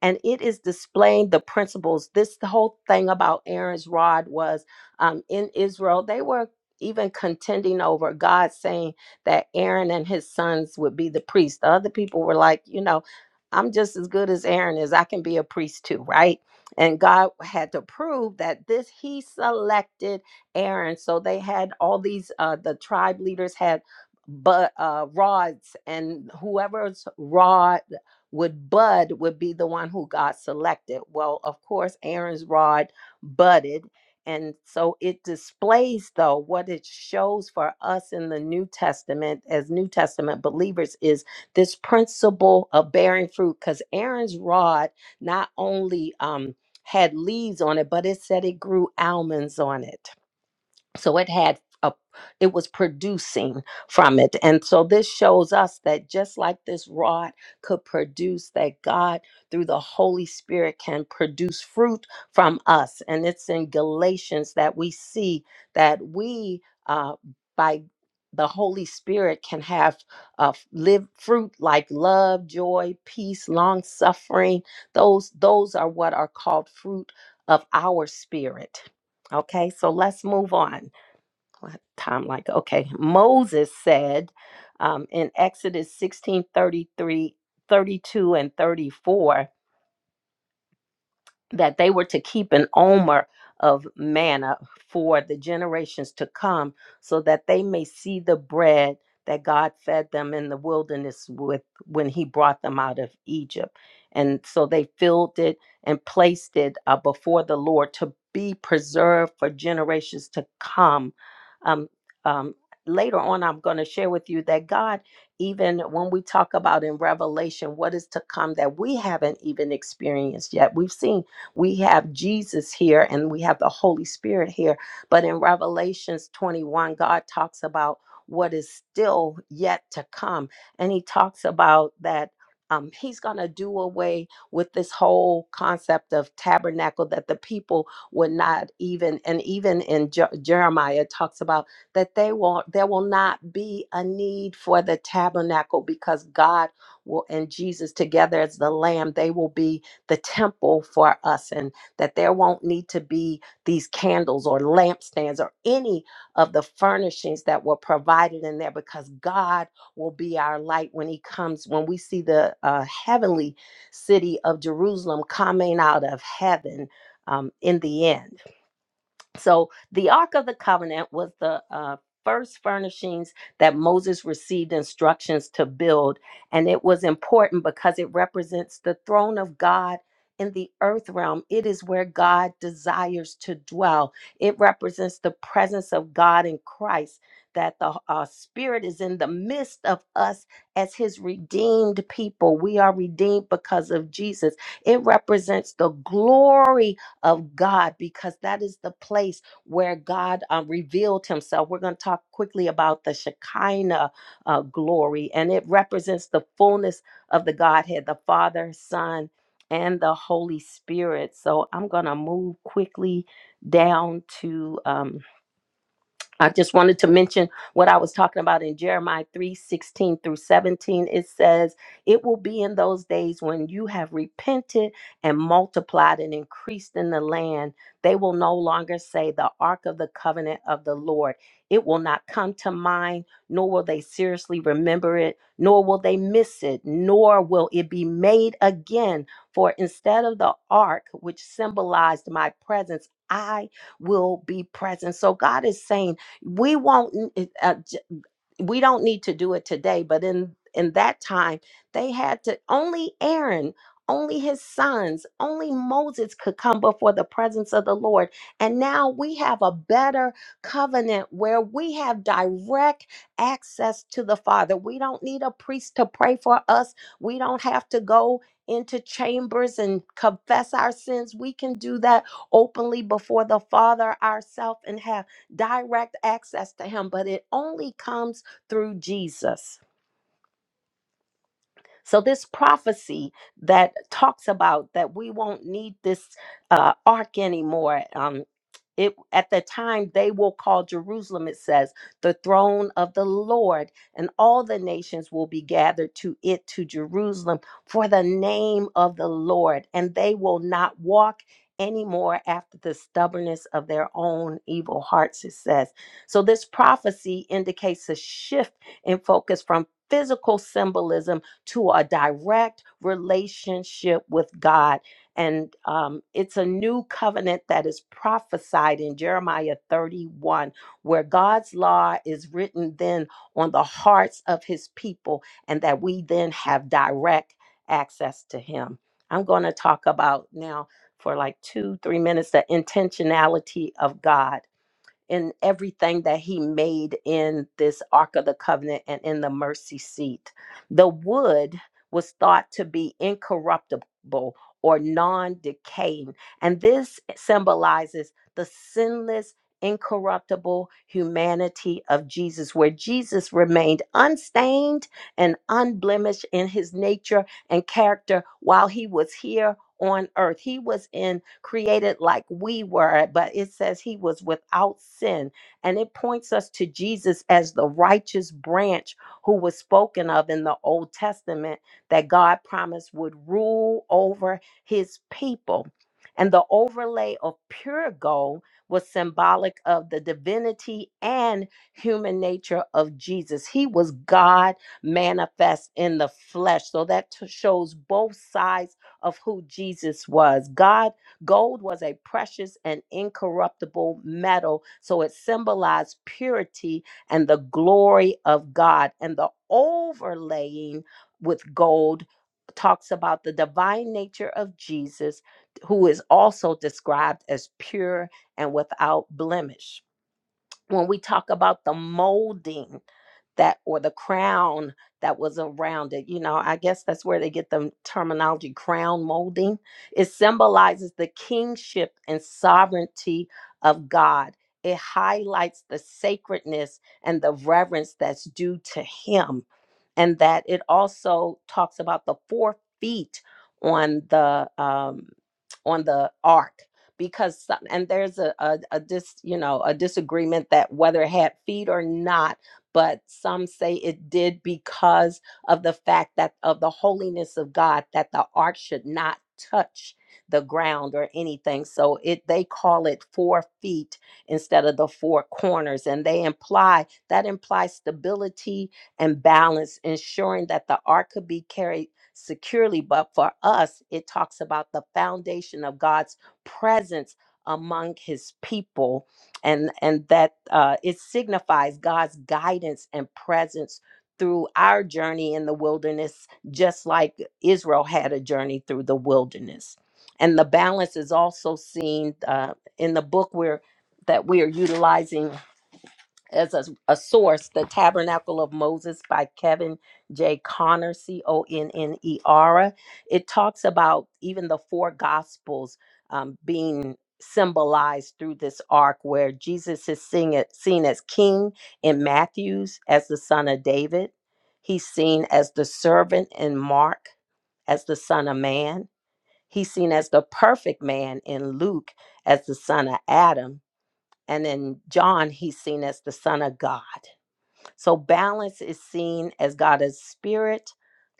Speaker 1: and it is displaying the principles. This the whole thing about Aaron's rod was um, in Israel, they were even contending over God saying that Aaron and his sons would be the priest. The other people were like, you know, I'm just as good as Aaron is. I can be a priest too, right? And God had to prove that this, he selected Aaron. So they had all these, uh, the tribe leaders had but uh rods and whoever's rod would bud would be the one who got selected well of course aaron's rod budded and so it displays though what it shows for us in the new testament as new testament believers is this principle of bearing fruit because aaron's rod not only um had leaves on it but it said it grew almonds on it so it had a it was producing from it and so this shows us that just like this rod could produce that god through the holy spirit can produce fruit from us and it's in galatians that we see that we uh, by the holy spirit can have uh, live fruit like love joy peace long suffering those those are what are called fruit of our spirit okay so let's move on time like okay moses said um, in exodus 16 33, 32, and 34 that they were to keep an omer of manna for the generations to come, so that they may see the bread that God fed them in the wilderness with when He brought them out of Egypt. And so they filled it and placed it uh, before the Lord to be preserved for generations to come. Um, um, later on, I'm going to share with you that God, even when we talk about in Revelation what is to come that we haven't even experienced yet, we've seen we have Jesus here and we have the Holy Spirit here. But in Revelations 21, God talks about what is still yet to come. And he talks about that um, he's going to do away with this whole concept of tabernacle that the people would not even, and even in Je- Jeremiah it talks about that they will there will not be a need for the tabernacle because God will and Jesus together as the lamb they will be the temple for us and that there won't need to be these candles or lampstands or any of the furnishings that were provided in there because God will be our light when He comes, when we see the uh, heavenly city of Jerusalem coming out of heaven um, in the end. So the Ark of the Covenant was the uh, first furnishings that Moses received instructions to build. And it was important because it represents the throne of God in the earth realm. It is where God desires to dwell. It represents the presence of God in Christ, that the uh, Spirit is in the midst of us as His redeemed people. We are redeemed because of Jesus. It represents the glory of God because that is the place where God um, revealed himself. We're going to talk quickly about the Shekinah uh, glory, and it represents the fullness of the Godhead, the Father, Son, and the Holy Spirit. So I'm going to move quickly down to. um, I just wanted to mention what I was talking about in Jeremiah 3 16 through 17. It says, It will be in those days when you have repented and multiplied and increased in the land. They will no longer say, The ark of the covenant of the Lord. It will not come to mind, nor will they seriously remember it, nor will they miss it, nor will it be made again. For instead of the ark, which symbolized my presence, I will be present. So God is saying, we won't uh, j- we don't need to do it today but in in that time they had to only aaron only his sons only moses could come before the presence of the lord and now we have a better covenant where we have direct access to the father we don't need a priest to pray for us we don't have to go into chambers and confess our sins we can do that openly before the father ourselves and have direct access to him, but it only comes through Jesus. So, this prophecy that talks about that we won't need this uh, ark anymore, Um, it at the time they will call Jerusalem, it says, the throne of the Lord, and all the nations will be gathered to it to Jerusalem for the name of the Lord, and they will not walk anymore after the stubbornness of their own evil hearts, it says. So this prophecy indicates a shift in focus from physical symbolism to a direct relationship with God and um, it's a new covenant that is prophesied in Jeremiah 31, where God's law is written then on the hearts of his people, and that we then have direct access to him. I'm going to talk about now for like two, three minutes the intentionality of God in everything that he made in this Ark of the Covenant and in the mercy seat. The wood was thought to be incorruptible or non decaying, and this symbolizes the sinless. Incorruptible humanity of Jesus, where Jesus remained unstained and unblemished in his nature and character while he was here on earth. He was in created like we were, but it says he was without sin. And it points us to Jesus as the righteous branch who was spoken of in the Old Testament that God promised would rule over his people. And the overlay of pure gold was symbolic of the divinity and human nature of Jesus. He was God manifest in the flesh. So that t- shows both sides of who Jesus was. God, gold was a precious and incorruptible metal, so it symbolized purity and the glory of God. And the overlaying with gold talks about the divine nature of Jesus, who is also described as pure and without blemish when we talk about the molding that or the crown that was around it you know i guess that's where they get the terminology crown molding it symbolizes the kingship and sovereignty of god it highlights the sacredness and the reverence that's due to him and that it also talks about the four feet on the um on the ark because some, and there's a, a a dis you know a disagreement that whether it had feet or not but some say it did because of the fact that of the holiness of god that the ark should not touch the ground or anything so it they call it four feet instead of the four corners and they imply that implies stability and balance ensuring that the ark could be carried securely but for us it talks about the foundation of god's presence among his people and and that uh, it signifies god's guidance and presence through our journey in the wilderness just like israel had a journey through the wilderness and the balance is also seen uh, in the book where that we are utilizing as a, a source, The Tabernacle of Moses by Kevin J. Connor, C O N N E R. It talks about even the four gospels um, being symbolized through this ark where Jesus is seen, it, seen as king in Matthew's, as the son of David. He's seen as the servant in Mark, as the son of man. He's seen as the perfect man in Luke, as the son of Adam. And in John, he's seen as the son of God. So balance is seen as God as spirit,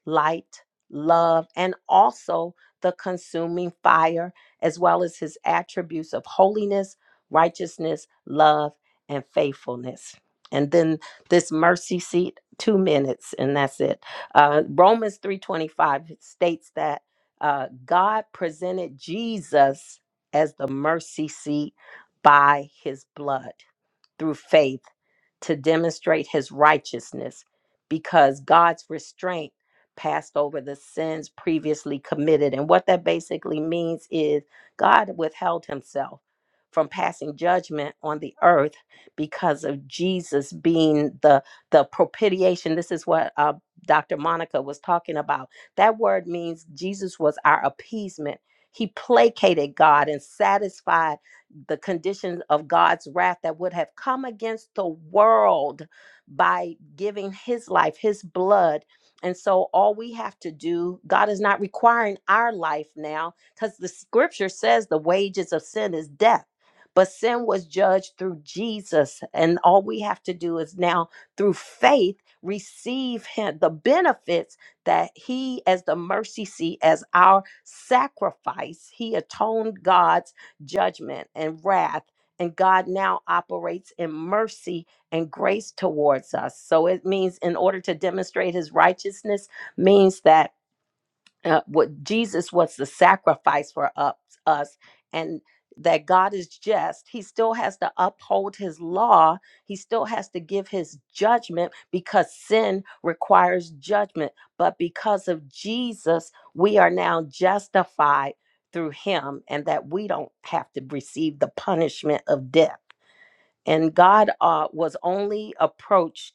Speaker 1: light, love, and also the consuming fire, as well as his attributes of holiness, righteousness, love, and faithfulness. And then this mercy seat, two minutes, and that's it. Uh, Romans 3:25 states that uh, God presented Jesus as the mercy seat by his blood through faith to demonstrate his righteousness because God's restraint passed over the sins previously committed. And what that basically means is God withheld himself from passing judgment on the earth because of Jesus being the the propitiation. This is what uh, Dr. Monica was talking about. That word means Jesus was our appeasement. He placated God and satisfied the conditions of God's wrath that would have come against the world by giving his life, his blood. And so all we have to do, God is not requiring our life now because the scripture says the wages of sin is death. But sin was judged through Jesus. And all we have to do is now, through faith, receive him, the benefits that he, as the mercy seat, as our sacrifice, he atoned God's judgment and wrath. And God now operates in mercy and grace towards us. So it means, in order to demonstrate his righteousness, means that uh, what Jesus was the sacrifice for up, us, and that God is just. He still has to uphold His law. He still has to give His judgment because sin requires judgment. But because of Jesus, we are now justified through Him, and that we don't have to receive the punishment of death. And God uh, was only approached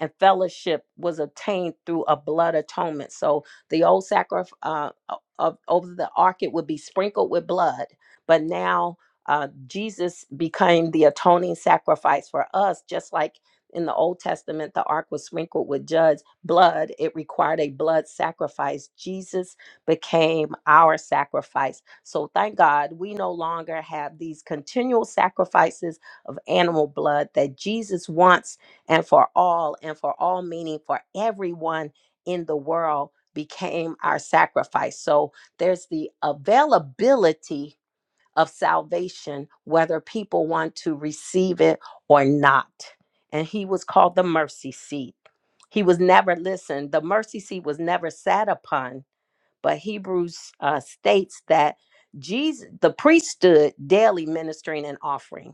Speaker 1: and fellowship was obtained through a blood atonement. So the old sacrifice uh, o- of over the ark it would be sprinkled with blood, but now uh, Jesus became the atoning sacrifice for us, just like in the Old Testament the ark was sprinkled with judge blood. It required a blood sacrifice. Jesus became our sacrifice. So thank God we no longer have these continual sacrifices of animal blood that Jesus wants and for all and for all meaning for everyone in the world became our sacrifice so there's the availability of salvation whether people want to receive it or not and he was called the mercy seat he was never listened the mercy seat was never sat upon but hebrews uh, states that jesus the priest stood daily ministering and offering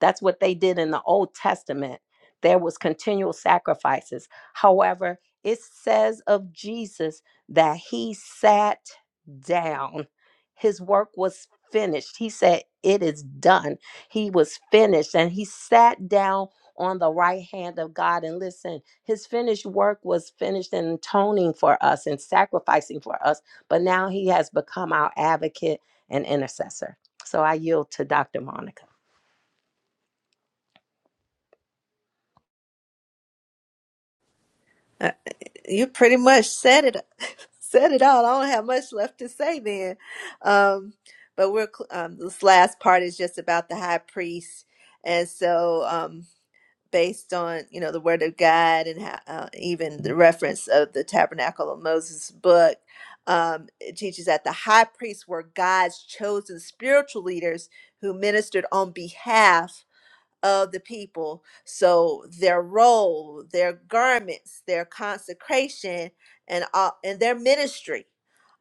Speaker 1: that's what they did in the Old Testament. There was continual sacrifices. However, it says of Jesus that he sat down. His work was finished. He said, "It is done." He was finished and he sat down on the right hand of God and listen, his finished work was finished in atoning for us and sacrificing for us, but now he has become our advocate and intercessor. So I yield to Dr. Monica.
Speaker 2: Uh, You pretty much said it said it all. I don't have much left to say then. Um, but we're cl- um, this last part is just about the high priest, and so. Um, based on you know the word of god and how, uh, even the reference of the tabernacle of moses book um, it teaches that the high priests were god's chosen spiritual leaders who ministered on behalf of the people. So their role, their garments, their consecration, and all, and their ministry,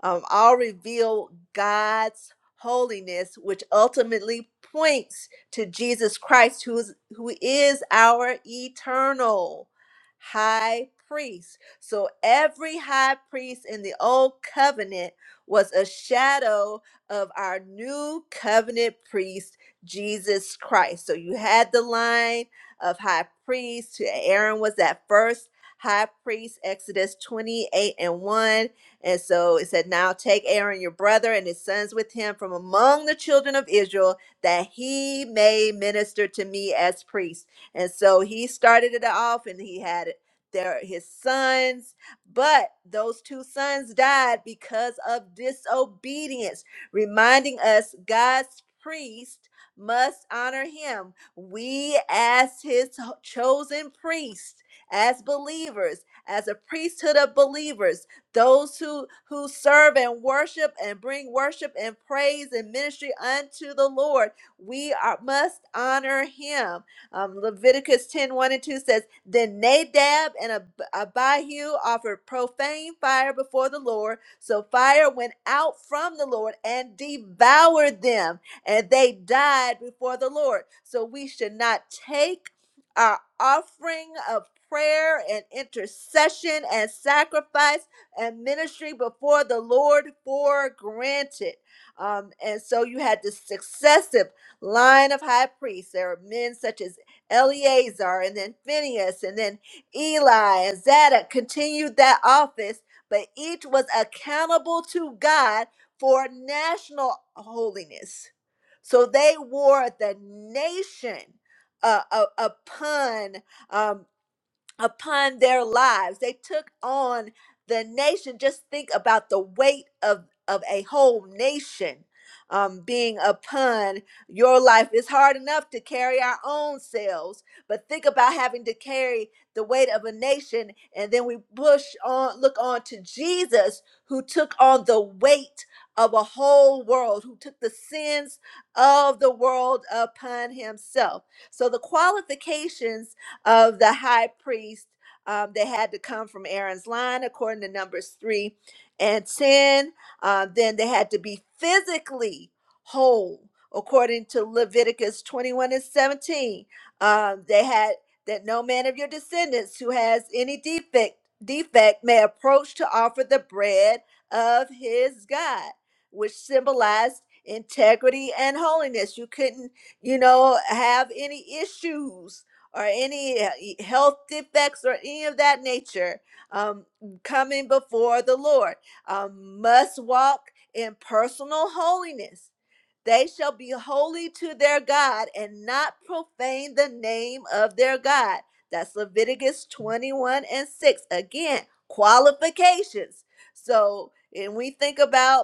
Speaker 2: um, all reveal God's holiness, which ultimately points to Jesus Christ, who is who is our eternal high priest. So every high priest in the old covenant was a shadow of our new covenant priest Jesus Christ. So you had the line of high priest. Aaron was that first high priest, Exodus 28 and 1. And so it said, Now take Aaron, your brother, and his sons with him from among the children of Israel, that he may minister to me as priest. And so he started it off and he had Their, his sons, but those two sons died because of disobedience, reminding us God's priest must honor him. We, as his chosen priests, as believers, as a priesthood of believers, those who, who serve and worship and bring worship and praise and ministry unto the Lord, we are, must honor him. Um, Leviticus ten one and 2 says, Then Nadab and Ab- Abihu offered profane fire before the Lord. So fire went out from the Lord and devoured them and they died before the Lord. So we should not take our offering of prayer and intercession and sacrifice and ministry before the Lord for granted. Um, and so you had this successive line of high priests. There are men such as Eleazar and then Phineas and then Eli and Zadok continued that office, but each was accountable to God for national holiness so they wore the nation uh, uh, upon um, upon their lives. They took on the nation. Just think about the weight of, of a whole nation um, being upon your life. It's hard enough to carry our own selves, but think about having to carry the weight of a nation. And then we push on, look on to Jesus, who took on the weight of a whole world, who took the sins of the world upon himself. So the qualifications of the high priest. Um, they had to come from Aaron's line, according to Numbers 3 and 10. Uh, then they had to be physically whole, according to Leviticus 21 and 17. Um, they had that no man of your descendants who has any defect defect may approach to offer the bread of his God, which symbolized integrity and holiness. You couldn't, you know, have any issues or any uh, e- health defects or any of that nature um, coming before the Lord um, must walk in personal holiness. They shall be holy to their God and not profane the name of their God. That's Leviticus 21 and 6. Again, qualifications. So, and we think about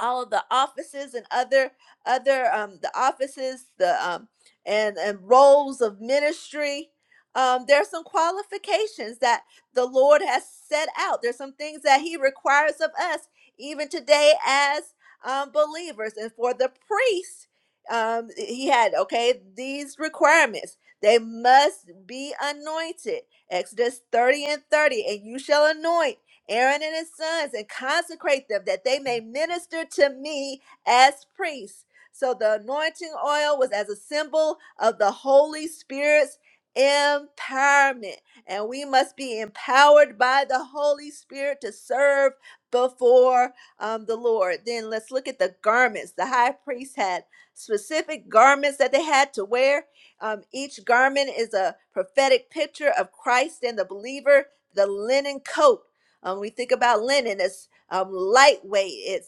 Speaker 2: all of the offices and other other um the offices the um and and roles of ministry um there are some qualifications that the lord has set out there's some things that he requires of us even today as um believers and for the priest um he had okay these requirements they must be anointed exodus 30 and 30 and you shall anoint Aaron and his sons, and consecrate them that they may minister to me as priests. So the anointing oil was as a symbol of the Holy Spirit's empowerment. And we must be empowered by the Holy Spirit to serve before um, the Lord. Then let's look at the garments. The high priest had specific garments that they had to wear. Um, each garment is a prophetic picture of Christ and the believer. The linen coat um, we think about linen It's um, lightweight. it's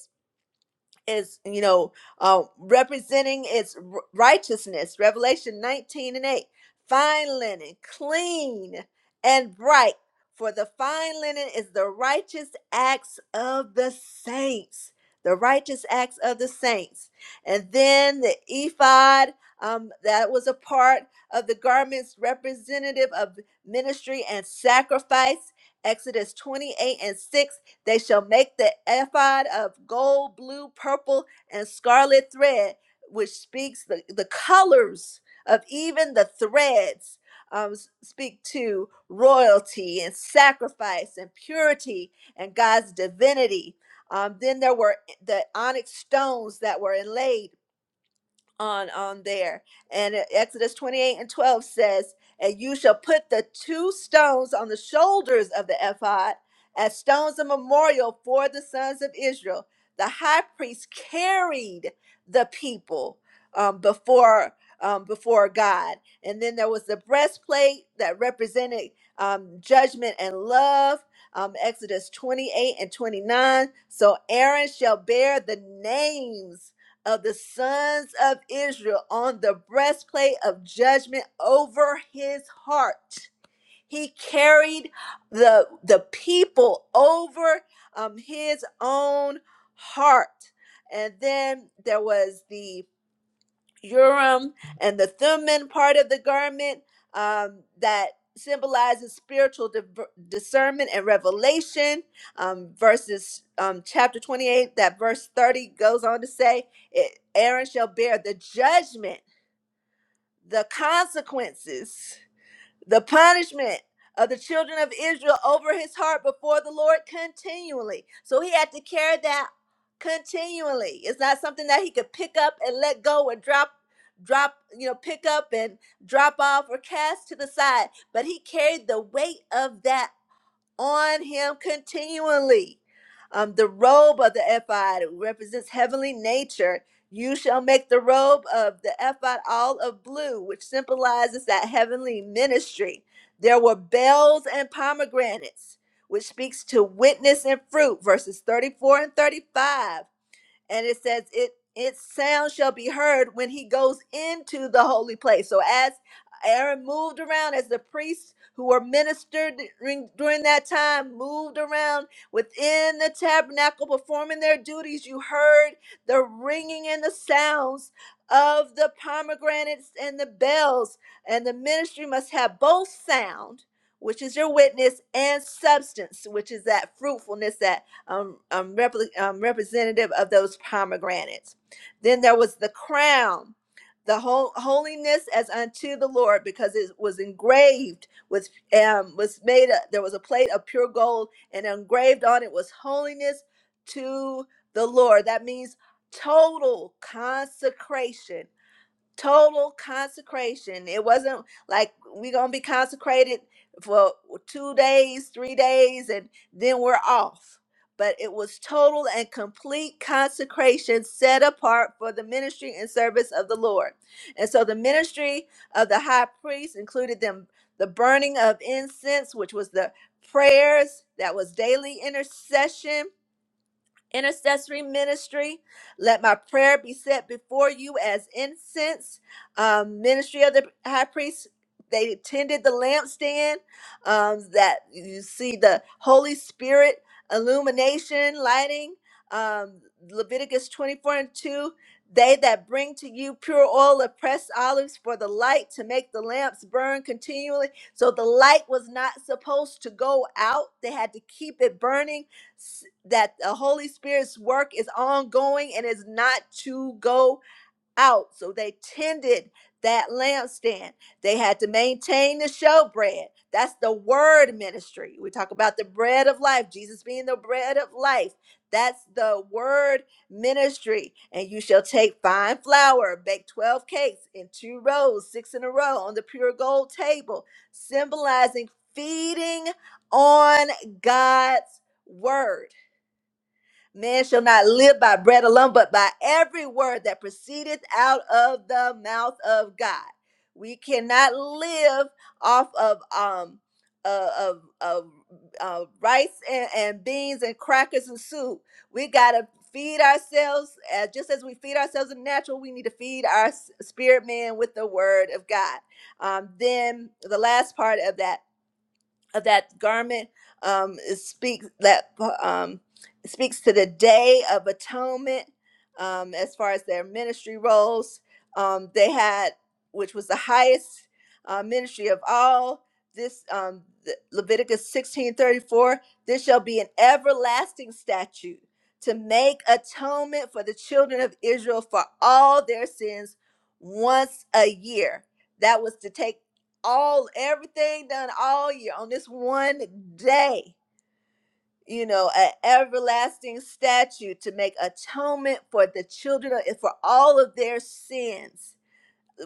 Speaker 2: is you know uh, representing its r- righteousness revelation 19 and 8 fine linen clean and bright for the fine linen is the righteous acts of the saints the righteous acts of the saints and then the ephod um, that was a part of the garments representative of ministry and sacrifice exodus 28 and 6 they shall make the ephod of gold, blue, purple, and scarlet thread, which speaks the, the colors of even the threads. Um, s- speak to royalty and sacrifice and purity and God's divinity. Um, then there were eh, the onyx stones that were inlaid on on there and uh, exodus 28 and 12 says and you shall put the two stones on the shoulders of the ephod as stones of memorial for the sons of israel the high priest carried the people um, before um, before god and then there was the breastplate that represented um, judgment and love um, exodus 28 and 29 so aaron shall bear the names of the sons of Israel on the breastplate of judgment over his heart. He carried the, the people over um, his own heart. And then there was the Urim and the Thummim part of the garment um, that symbolizes spiritual diver- discernment and revelation. Um, verses um, chapter 28, that verse 30 goes on to say, it, Aaron shall bear the judgment, the consequences the punishment of the children of Israel over his heart before the Lord continually. So he had to carry that continually. It's not something that he could pick up and let go and drop drop, you know, pick up and drop off or cast to the side, but he carried the weight of that on him continually. Um, the robe of the ephod represents heavenly nature. You shall make the robe of the ephod all of blue, which symbolizes that heavenly ministry. There were bells and pomegranates, which speaks to witness and fruit, verses 34 and 35 and it says it its sound shall be heard when he goes into the holy place so as aaron moved around as the priests who were ministered during, during that time moved around within the tabernacle performing their duties you heard the ringing and the sounds of the pomegranates and the bells and the ministry must have both sound which is your witness and substance which is that fruitfulness that um, um, repli- um, representative of those pomegranates. Then there was the crown, the whole holiness as unto the Lord, because it was engraved with um, was made. A, there was a plate of pure gold, and engraved on it was holiness to the Lord. That means total consecration total consecration. It wasn't like we're gonna be consecrated for two days, three days, and then we're off. But it was total and complete consecration set apart for the ministry and service of the Lord. And so the ministry of the high priest included them the burning of incense, which was the prayers, that was daily intercession, intercessory ministry. Let my prayer be set before you as incense. Um, ministry of the high priest, they tended the lampstand um, that you see the Holy Spirit illumination, lighting. Um, Leviticus 24 and 2. They that bring to you pure oil of pressed olives for the light to make the lamps burn continually. So the light was not supposed to go out. They had to keep it burning s- that the Holy Spirit's work is ongoing and is not to go out. So they tended that lampstand. They had to maintain the showbread. That's the word ministry. We talk about the bread of life, Jesus being the bread of life. That's the word ministry. And you shall take fine flour, bake 12 cakes in two rows, six in a row on the pure gold table, symbolizing feeding on God's word. Man shall not live by bread alone, but by every word that proceedeth out of the mouth of God. We cannot live off of um uh, of of uh, rice and, and beans and crackers and soup. We gotta feed ourselves uh, just as we feed ourselves in the natural. We need to feed our s- spirit man with the word of God. Um, then the last part of that of that garment um, speaks that uh, um, speaks to the day of atonement um, as far as their ministry roles um, they had which was the highest uh, ministry of all this um, the- leviticus 16 34: this shall be an everlasting statute to make atonement for the children of israel for all their sins once a year that was to take all everything done all year on this one day you know an everlasting statute to make atonement for the children of, for all of their sins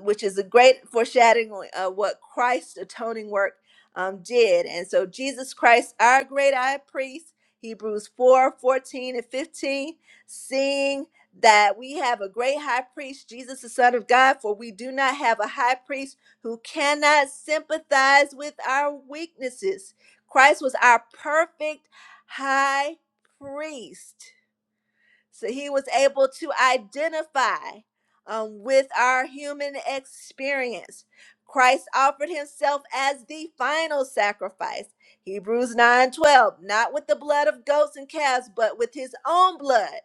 Speaker 2: which is a great foreshadowing of what Christ's atoning work um, did. And so Jesus Christ, our great high priest, Hebrews 4 14 and 15, seeing that we have a great high priest, Jesus the Son of God, for we do not have a high priest who cannot sympathize with our weaknesses. Christ was our perfect high priest so he was able to identify um, with our human experience. Christ offered himself as the final sacrifice. Hebrews 9 12, not with the blood of goats and calves, but with his own blood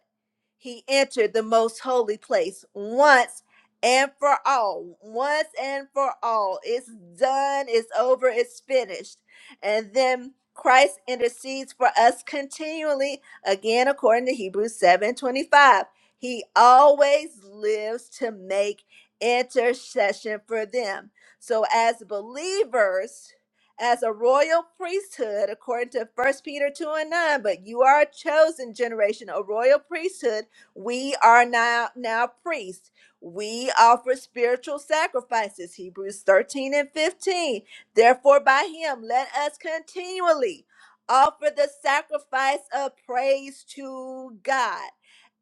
Speaker 2: he entered the most holy place once and for all. Once and for all. It's done, it's over, it's finished. And then Christ intercedes for us continually, again, according to Hebrews 7 25, He always lives to make intercession for them. So, as believers, as a royal priesthood, according to First Peter 2 and 9, but you are a chosen generation, a royal priesthood we are now now priests. We offer spiritual sacrifices. Hebrews 13 and 15. Therefore, by him let us continually offer the sacrifice of praise to God.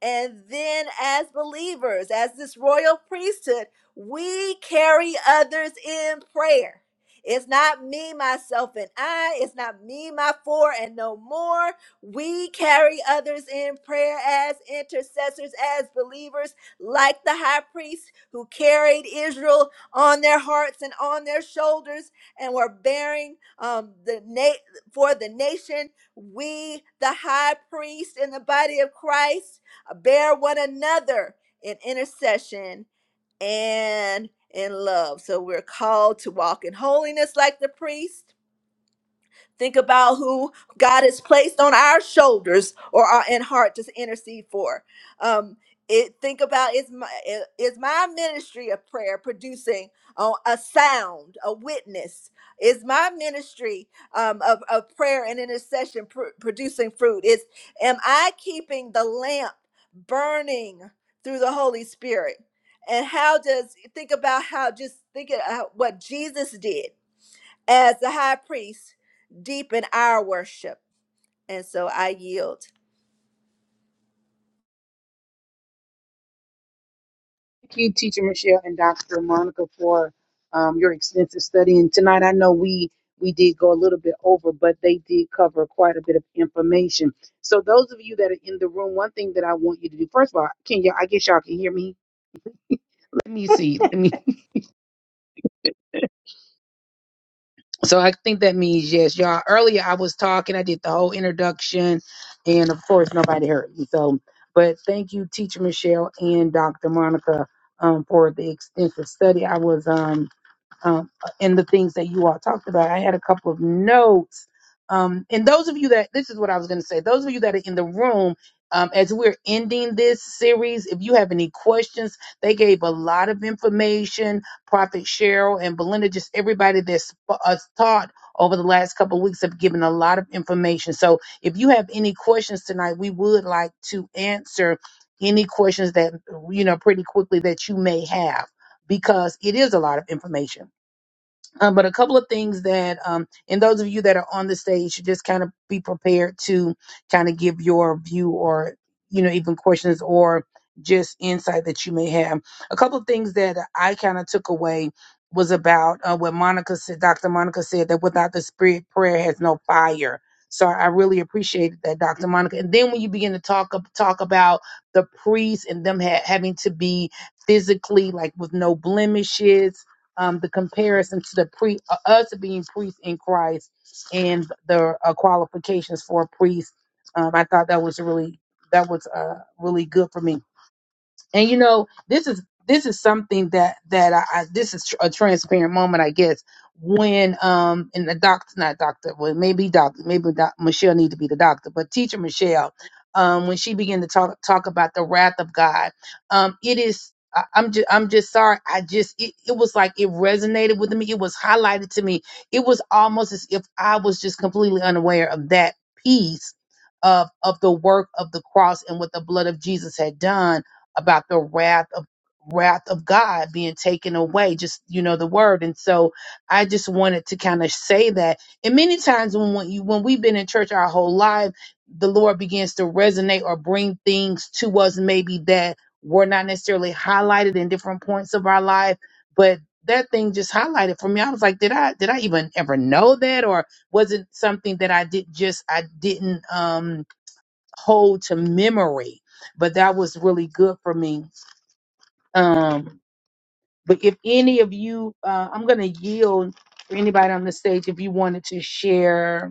Speaker 2: And then, as believers, as this royal priesthood, we carry others in prayer. It's not me, myself, and I. It's not me, my four, and no more. We carry others in prayer as intercessors, as believers, like the high priest who carried Israel on their hearts and on their shoulders, and were bearing um, the na- for the nation. We, the high priest in the body of Christ, uh, bear one another in intercession and in love. So we're called to walk in holiness like the priest Think about who God has placed on our shoulders or our in heart to intercede for. Um, it, think about is my is my ministry of prayer producing uh, a sound, a witness? Is my ministry um, of, of prayer and intercession pr- producing fruit? Is am I keeping the lamp burning through the Holy Spirit? And how does think about how just think about what Jesus did? as the high priest deepen our worship. And so I yield.
Speaker 4: Thank you, Teacher Michelle and Dr. Monica, for um, your extensive study. And tonight, I know we we did go a little bit over, but they did cover quite a bit of information. So, those of you that are in the room, one thing that I want you to do, first of all, can you? I guess y'all can hear me. Let me see. Let me. So, I think that means yes, y'all. Earlier, I was talking. I did the whole introduction, and of course, nobody heard me. So, but thank you, Teacher Michelle and Dr. Monica, um, for the extensive study. I was um um, in the things that you all talked about. I had a couple of notes. Um, and those of you that, this is what I was going to say, those of you that are in the room, um, as we're ending this series, if you have any questions, they gave a lot of information. Prophet Cheryl and Belinda, just everybody that's uh, taught over the last couple of weeks have given a lot of information. So if you have any questions tonight, we would like to answer any questions that, you know, pretty quickly that you may have because it is a lot of information. Um, but a couple of things that, um, and those of you that are on the stage should just kind of be prepared to kind of give your view or, you know, even questions or just insight that you may have. A couple of things that I kind of took away was about uh, what Monica said, Dr. Monica said that without the spirit, prayer has no fire. So I really appreciated that, Dr. Monica. And then when you begin to talk ab- talk about the priests and them ha- having to be physically like with no blemishes um, the comparison to the pre uh, us being priests in Christ and the uh, qualifications for a priest. Um, I thought that was really that was uh, really good for me and you know this is this is something that that I, I this is tr- a transparent moment i guess when um and the doctor not doctor well maybe doctor maybe doc, michelle need to be the doctor but teacher michelle um when she began to talk talk about the wrath of god um it is I- I'm just, I'm just sorry. I just, it, it was like it resonated with me. It was highlighted to me. It was almost as if I was just completely unaware of that piece of of the work of the cross and what the blood of Jesus had done about the wrath of wrath of God being taken away, just you know, the word. And so I just wanted to kind of say that. And many times when when you when we've been in church our whole life, the Lord begins to resonate or bring things to us maybe that were not necessarily highlighted in different points of our life. But that thing just highlighted for me. I was like, did I did I even ever know that? Or was it something that I did just I didn't um hold to memory? But that was really good for me um, but if any of you, uh, I'm going to yield for anybody on the stage if you wanted to share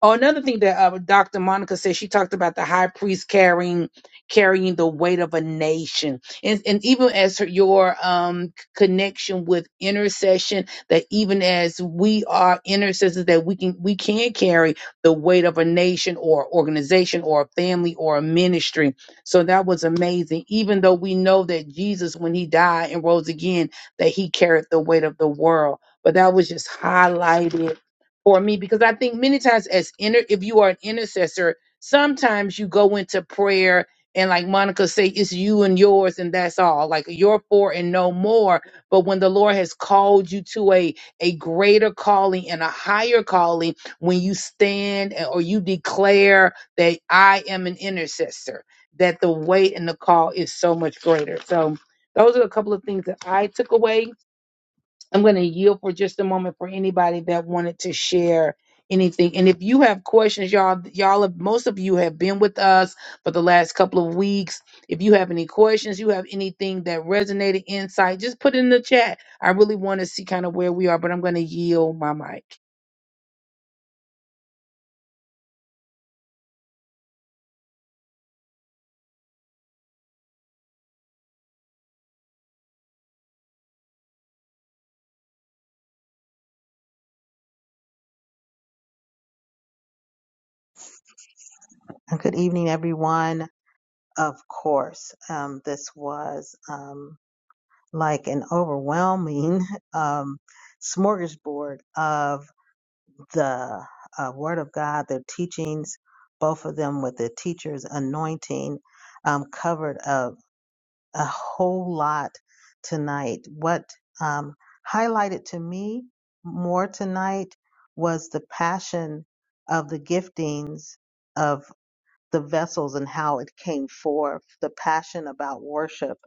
Speaker 4: Oh, another thing that uh, Dr. Monica said, she talked about the high priest carrying carrying the weight of a nation, and and even as her, your um c- connection with intercession, that even as we are intercessors, that we can we can carry the weight of a nation or organization or a family or a ministry. So that was amazing. Even though we know that Jesus, when he died and rose again, that he carried the weight of the world, but that was just highlighted or me because I think many times as inter if you are an intercessor, sometimes you go into prayer and like Monica say, it's you and yours and that's all. Like your four and no more. But when the Lord has called you to a a greater calling and a higher calling, when you stand and- or you declare that I am an intercessor, that the weight and the call is so much greater. So those are a couple of things that I took away I'm going to yield for just a moment for anybody that wanted to share anything. And if you have questions, y'all, y'all, have, most of you have been with us for the last couple of weeks. If you have any questions, you have anything that resonated, insight, just put it in the chat. I really want to see kind of where we are, but I'm going to yield my mic.
Speaker 5: And Good evening, everyone. Of course, um, this was um, like an overwhelming um, smorgasbord of the uh, Word of God, their teachings, both of them with the teacher's anointing, um, covered a, a whole lot tonight. What um, highlighted to me more tonight was the passion of the giftings the vessels and how it came forth, the passion about worship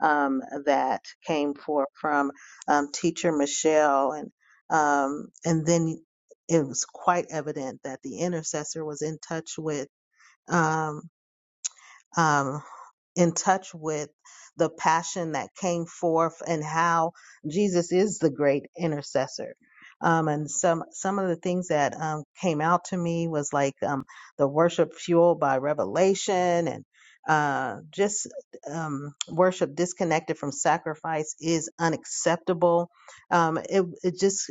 Speaker 5: um, that came forth from um, teacher Michelle, and um, and then it was quite evident that the intercessor was in touch with um, um, in touch with the passion that came forth and how Jesus is the great intercessor. Um, and some some of the things that um, came out to me was like um, the worship fueled by revelation and uh, just um, worship disconnected from sacrifice is unacceptable. Um, it it just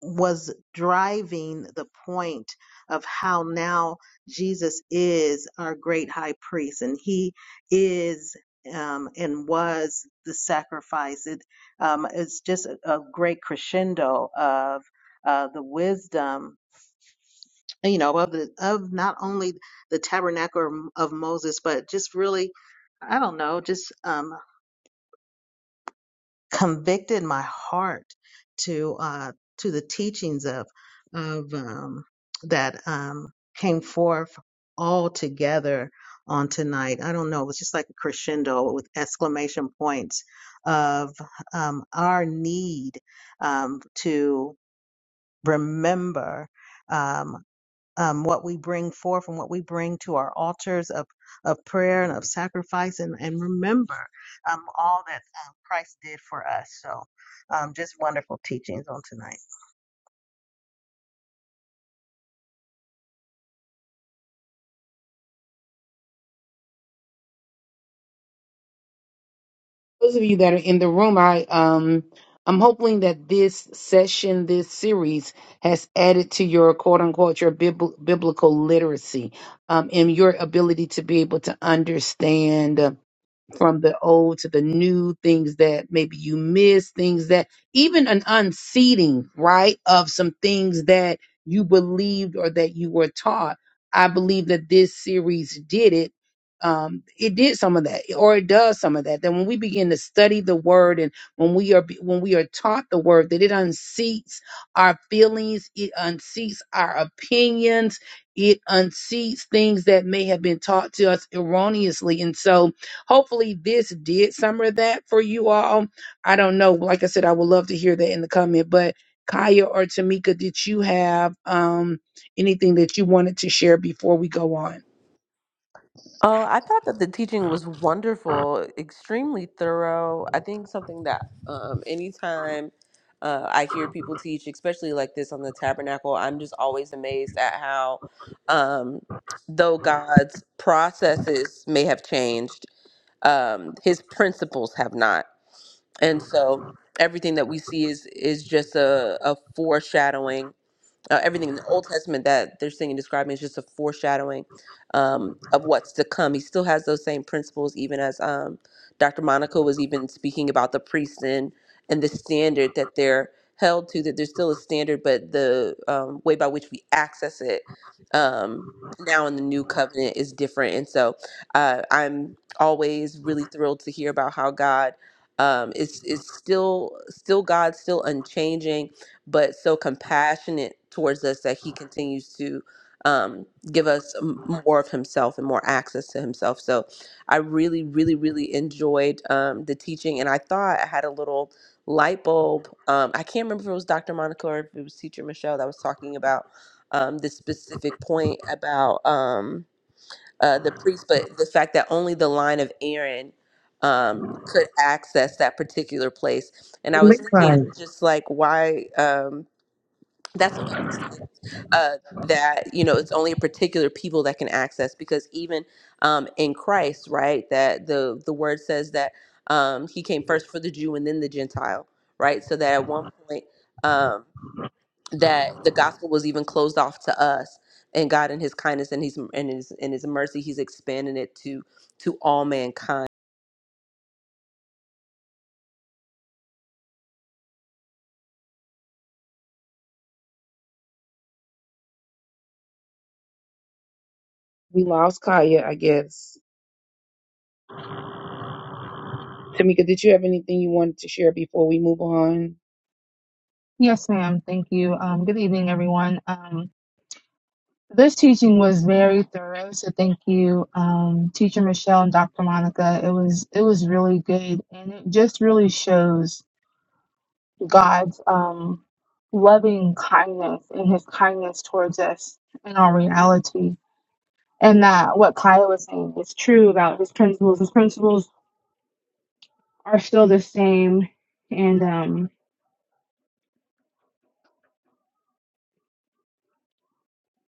Speaker 5: was driving the point of how now Jesus is our great high priest and he is um, and was the sacrifice. It, um, it's just a, a great crescendo of uh, the wisdom, you know, of the, of not only the tabernacle of Moses, but just really, I don't know, just um, convicted my heart to uh, to the teachings of of um, that um, came forth all together on tonight. I don't know. It was just like a crescendo with exclamation points of um, our need um, to remember. Um, um, what we bring forth and what we bring to our altars of, of prayer and of sacrifice and, and remember um, all that um, Christ did for us. So um, just wonderful teachings on tonight.
Speaker 4: those of you that are in the room, I um I'm hoping that this session, this series, has added to your quote unquote your bibl- biblical literacy, um, and your ability to be able to understand. uh, from the old to the new things that maybe you miss things that even an unseating right of some things that you believed or that you were taught i believe that this series did it um it did some of that or it does some of that That when we begin to study the word and when we are when we are taught the word that it unseats our feelings it unseats our opinions it unseats things that may have been taught to us erroneously and so Hopefully, this did some of that for you all. I don't know. Like I said, I would love to hear that in the comment. But Kaya or Tamika, did you have um, anything that you wanted to share before we go on?
Speaker 3: Oh, I thought that the teaching was wonderful, extremely thorough. I think something that um, anytime uh, I hear people teach, especially like this on the tabernacle, I'm just always amazed at how, um, though God's processes may have changed, um, his principles have not. and so everything that we see is is just a, a foreshadowing uh, everything in the Old Testament that they're seeing and describing is just a foreshadowing um, of what's to come. He still has those same principles, even as um, Dr. Monica was even speaking about the priests and and the standard that they're held to. That there's still a standard, but the um, way by which we access it um, now in the new covenant is different. And so uh, I'm always really thrilled to hear about how God. Um, is is still still God still unchanging but so compassionate towards us that he continues to um, give us m- more of himself and more access to himself. So I really, really, really enjoyed um, the teaching. And I thought I had a little light bulb. Um, I can't remember if it was Dr. Monica or if it was teacher Michelle that was talking about um, this specific point about um, uh, the priest, but the fact that only the line of Aaron um, could access that particular place. And I was thinking
Speaker 4: Right.
Speaker 3: just like, why? Um, that's so interesting. Uh, that you know, it's only a particular people that can access because even um, in Christ, right? That the the word says that um, he came first for the Jew and then the Gentile, right? So that at one point um, that the gospel was even closed off to us, and God in His kindness and His and His and His mercy, He's expanding it to to all mankind
Speaker 4: We lost Kaya, I guess. Tamika, did you have anything you wanted to share before we move on?
Speaker 6: Yes, ma'am. Thank you. Um, good evening, everyone. Um, this teaching was very thorough, so thank you, um, Teacher Michelle and Dr. Monica. It was it was really good, and it just really shows God's um, loving kindness and His kindness towards us in our reality, and that what Kaya was saying is true about His principles. His principles are still the same, and um,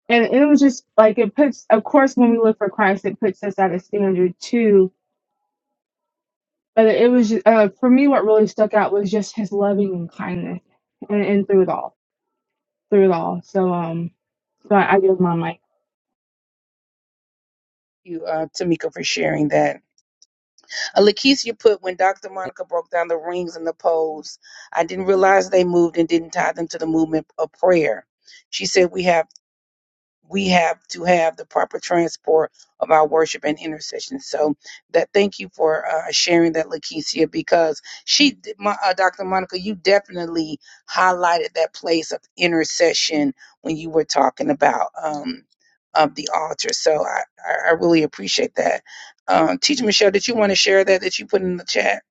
Speaker 6: and it was just like it puts of course when we live for christ it puts us at a standard too But it was ju uh, for me, what really stuck out was just his loving and kindness, and, and through it all, through it all. So, um, so I, I give my mic.
Speaker 4: You, uh, Tamika, for sharing that. Uh, Lakeisha put when Dr. Monica broke down the rings and the poles, I didn't realize they moved and didn't tie them to the movement of prayer. She said we have we have to have the proper transport of our worship and intercession. So that thank you for uh, sharing that, Lakeisha, because she, my, uh, Dr. Monica, you definitely highlighted that place of intercession when you were talking about um, of the altar. So I, I I really appreciate that. Um, Teacher Michelle, did you want to share that that you put in the chat?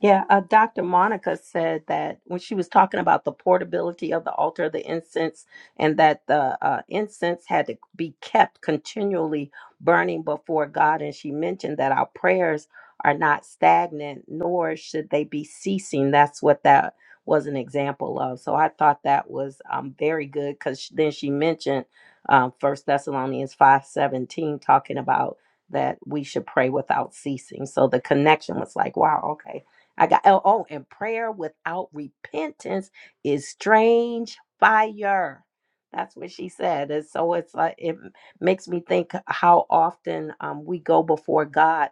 Speaker 1: Yeah, uh, Dr. Monica said that when she was talking about the portability of the altar, the incense, and that the uh, incense had to be kept continually burning before God. And she mentioned that our prayers are not stagnant, nor should they be ceasing. That's what that was an example of. So I thought that was um, very good because then she mentioned um, 1 Thessalonians five seventeen, talking about that we should pray without ceasing. So the connection was like, wow, okay I got oh, oh, and prayer without repentance is strange fire. That's what she said. And so it's like it makes me think how often um, we go before God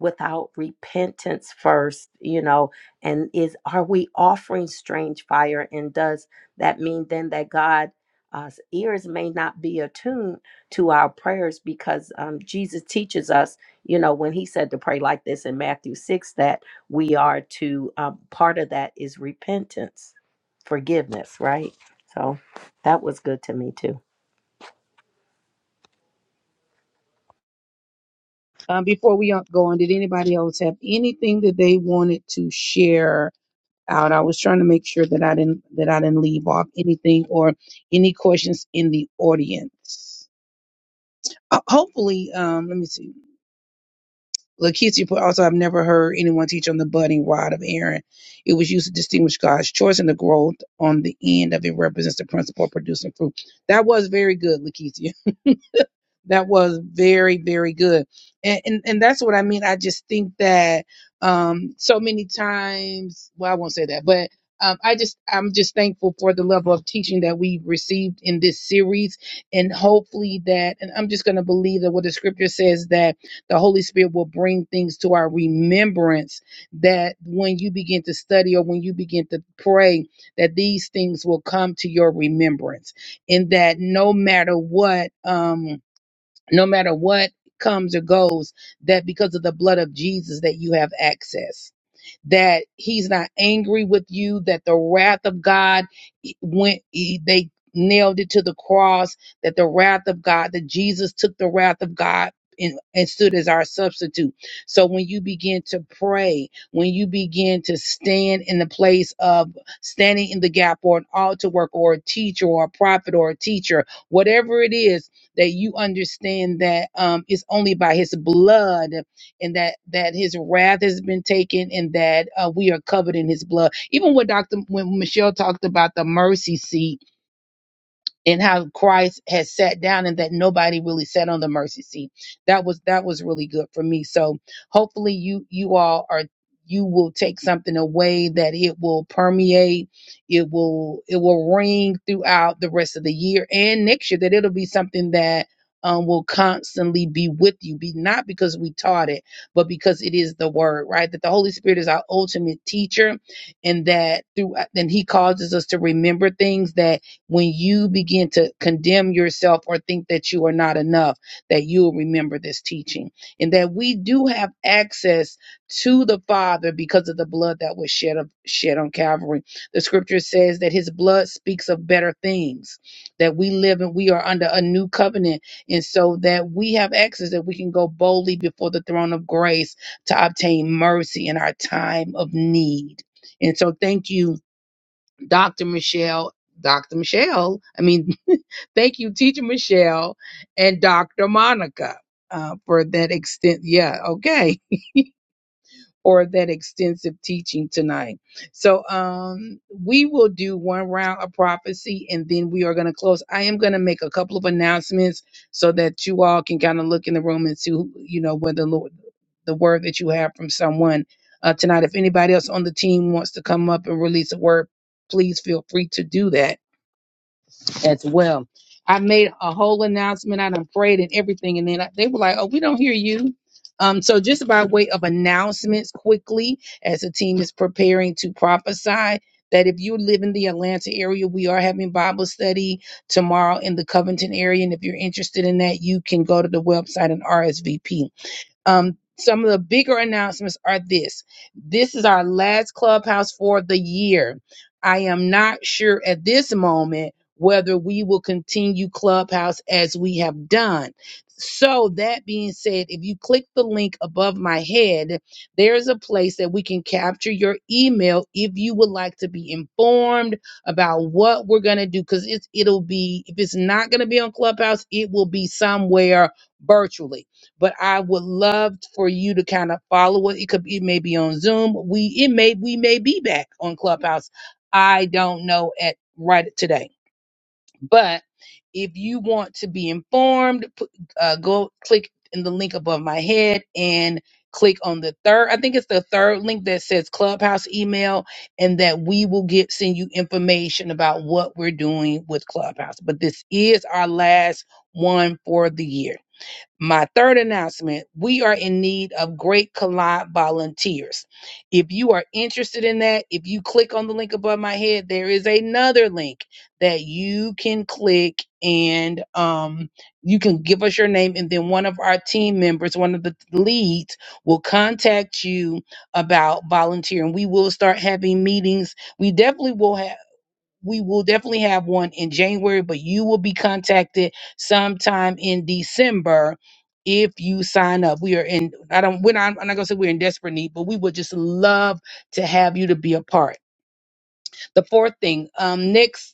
Speaker 1: without repentance first, you know, and is are we offering strange fire? And does that mean then that God uh, ears may not be attuned to our prayers because um, Jesus teaches us, you know, when he said to pray like this in Matthew 6, that we are to um, part of that is repentance forgiveness right so that was good to me too
Speaker 4: Um, before we uh, go on, did anybody else have anything that they wanted to share? out. I was trying to make sure that I didn't that I didn't leave off anything or any questions in the audience. Uh, hopefully, um, let me see. Lakeisha put also I've never heard anyone teach on the budding rod of Aaron. It was used to distinguish God's choice and the growth on the end of it represents the principle of producing fruit. That was very good, Lakeisha. that was very very good and and, and that's what i mean i just think that um so many times well i won't say that but um, I just, I'm just thankful for the level of teaching that we've received in this series, and hopefully that, and I'm just going to believe that what the scripture says that the Holy Spirit will bring things to our remembrance. That when you begin to study or when you begin to pray, that these things will come to your remembrance, and that no matter what, um, no matter what comes or goes, that because of the blood of Jesus that you have access that he's not angry with you, that the wrath of God e, went, e, they nailed it to the cross, that the wrath of God, that Jesus took the wrath of God. And, and stood as our substitute. So when you begin to pray, when you begin to stand in the place of standing in the gap or an altar worker or a teacher or a prophet or a teacher, whatever it is that you understand that um, it's only by his blood and that that his wrath has been taken and that uh, we are covered in his blood even what dr when michelle talked about the mercy seat and how Christ has sat down and that nobody really sat on the mercy seat. That was that was really good for me. So hopefully you you all are you will take something away that it will permeate, it will it will ring throughout the rest of the year and next year that it'll be something that um, will constantly be with you, be not because we taught it, but because it is the word, right? That the Holy Spirit is our ultimate teacher, and that through and He causes us to remember things that when you begin to condemn yourself or think that you are not enough, that you'll remember this teaching and that we do have access to the Father because of the blood that was shed, of, shed on Calvary. The scripture says that his blood speaks of better things, that we live and we are under a new covenant. And so that we have access, that we can go boldly before the throne of grace to obtain mercy in our time of need. And so, thank you Dr. Michelle, Dr. Michelle, I mean, thank you, Teacher Michelle and Dr. Monica, uh, for that extent. Yeah, okay or that extensive teaching tonight. So um, we will do one round of prophecy and then we are going to close. I am going to make a couple of announcements so that you all can kind of look in the room and see, who, you know, where the Lord, the word that you have from someone uh, tonight. If anybody else on the team wants to come up and release a word, please feel free to do that as well. I made a whole announcement. I done prayed and everything, and then I- they were like, "Oh, we don't hear you." Um, so just by way of announcements, quickly as the team is preparing to prophesy. That if you live in the Atlanta area, we are having Bible study tomorrow in the Covington area. And if you're interested in that, you can go to the website and RSVP. Um, some of the bigger announcements are this this is our last clubhouse for the year. I am not sure at this moment whether we will continue clubhouse as we have done. So, that being said, if you click the link above my head, there's a place that we can capture your email if you would like to be informed about what we're going to do. Because it's, it'll be, if it's not going to be on Clubhouse, it will be somewhere virtually but I would love for you to kind of follow it. It could be maybe on Zoom. We it may we may be back on Clubhouse. I don't know at right today, but if you want to be informed, p- uh, go click in the link above my head and click on the third. I think it's the third link that says Clubhouse email, and that we will get send you information about what we're doing with Clubhouse. But this is our last one for the year. My third announcement we are in need of great collide volunteers. If you are interested in that, if you click on the link above my head, there is another link that you can click and um, you can give us your name. And then one of our team members, one of the leads, will contact you about volunteering. We will start having meetings. We definitely will have we will definitely have one in January, but you will be contacted sometime in December if you sign up. We are in, I don't, we're not, I'm not gonna say we're in desperate need, but we would just love to have you to be a part. The fourth thing, um, next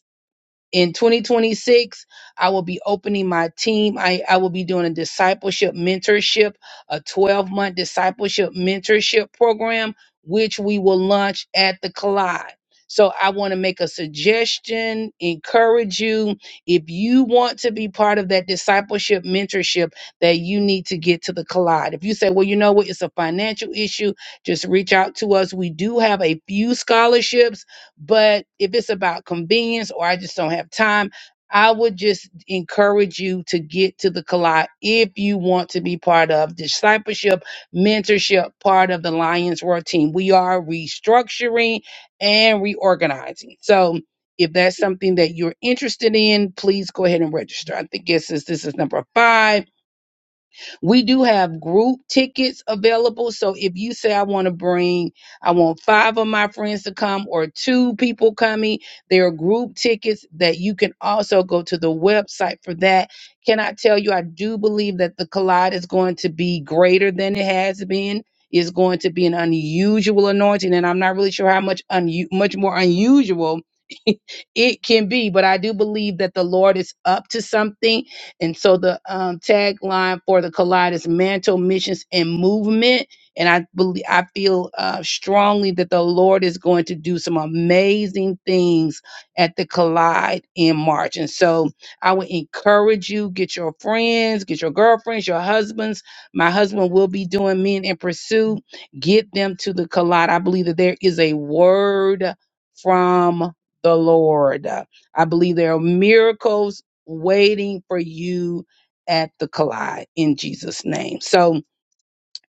Speaker 4: in 2026 i will be opening my team i, I will be doing a discipleship mentorship a 12 month discipleship mentorship program which we will launch at the collide so i want to make a suggestion encourage you if you want to be part of that discipleship mentorship that you need to get to the collide if you say well you know what it's a financial issue just reach out to us we do have a few scholarships but if it's about convenience or I just don't have time, I would just encourage you to get to the collide if you want to be part of discipleship, mentorship, part of the Lions Roar team. We are restructuring and reorganizing. So if that's something that you're interested in, please go ahead and register. I think this is this is number five we do have group tickets available. So if you say, I want to bring, I want five of my friends to come or two people coming, there are group tickets that you can also go to the website for that. Can I tell you, I do believe that the collide is going to be greater than it has been. It's going to be an unusual anointing, and I'm not really sure how much un- much more unusual it can be. But I do believe that the Lord is up to something and so the um, tagline for the collide is mantle missions and movement. And I believe I feel uh, strongly that the Lord is going to do some amazing things at the collide in March. And so I would encourage you get your friends, get your girlfriends, your husbands. My husband will be doing Men in Pursuit. Get them to the collide. I believe that there is a word from the Lord. I believe there are miracles waiting for you at the collide in Jesus' name. So,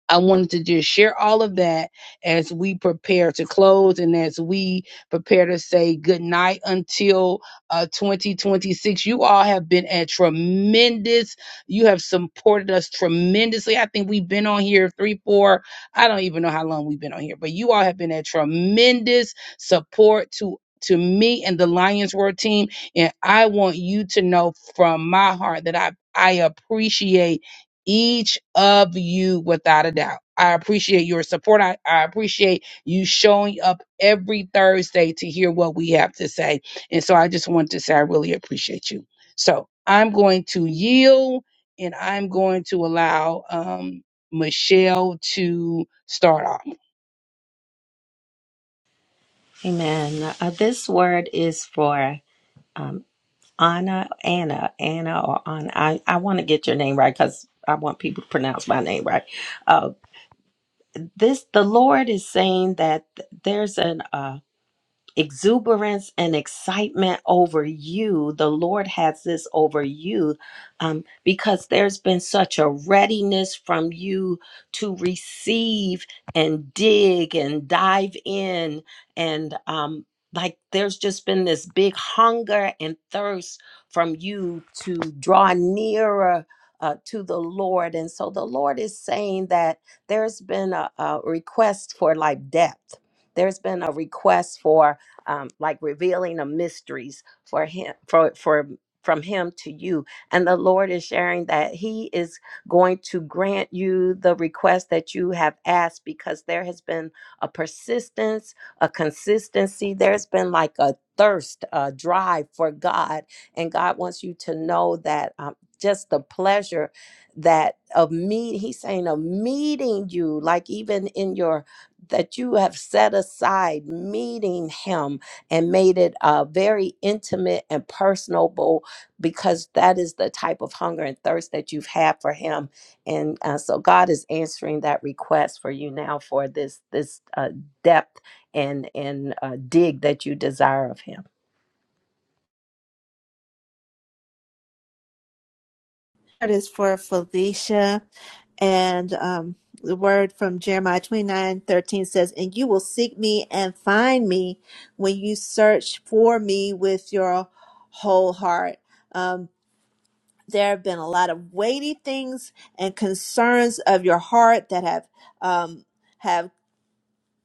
Speaker 4: I wanted to just share all of that as we prepare to close and as we prepare to say good night until uh, 2026. You all have been a tremendous, you have supported us tremendously. I think we've been on here three, four, I don't even know how long we've been on here, but you all have been a tremendous support to. To me and the Lions Roar team, and I want you to know from my heart that I I appreciate each of you without a doubt. I appreciate your support. I, I appreciate you showing up every Thursday to hear what we have to say. And so I just want to say I really appreciate you. So I'm going to yield and I'm going to allow um, Michelle to start off.
Speaker 1: Amen. Uh, this word is for um, Anna, Anna, Anna, or Anna. I, I want to get your name right because I want people to pronounce my name right. Uh, this the Lord is saying that th- there's an uh, exuberance and excitement over you. The Lord has this over you um, because there's been such a readiness from you to receive and dig and dive in. And um, like there's just been this big hunger and thirst from you to draw nearer. Uh, to the Lord. And so the Lord is saying that there's been a, a request for like depth. There's been a request for um, like revealing of mysteries for him for for from him to you and the lord is sharing that he is going to grant you the request that you have asked because there has been a persistence a consistency there's been like a thirst a drive for god and god wants you to know that um, just the pleasure that of me he's saying of meeting you like even in your that you have set aside meeting him and made it uh, very intimate and personable because that is the type of hunger and thirst that you've had for him and uh, so god is answering that request for you now for this this uh, depth and and uh, dig that you desire of him
Speaker 2: That is for Felicia. And um, the word from Jeremiah twenty nine thirteen says, And you will seek me and find me when you search for me with your whole heart. Um, there have been a lot of weighty things and concerns of your heart that have um, have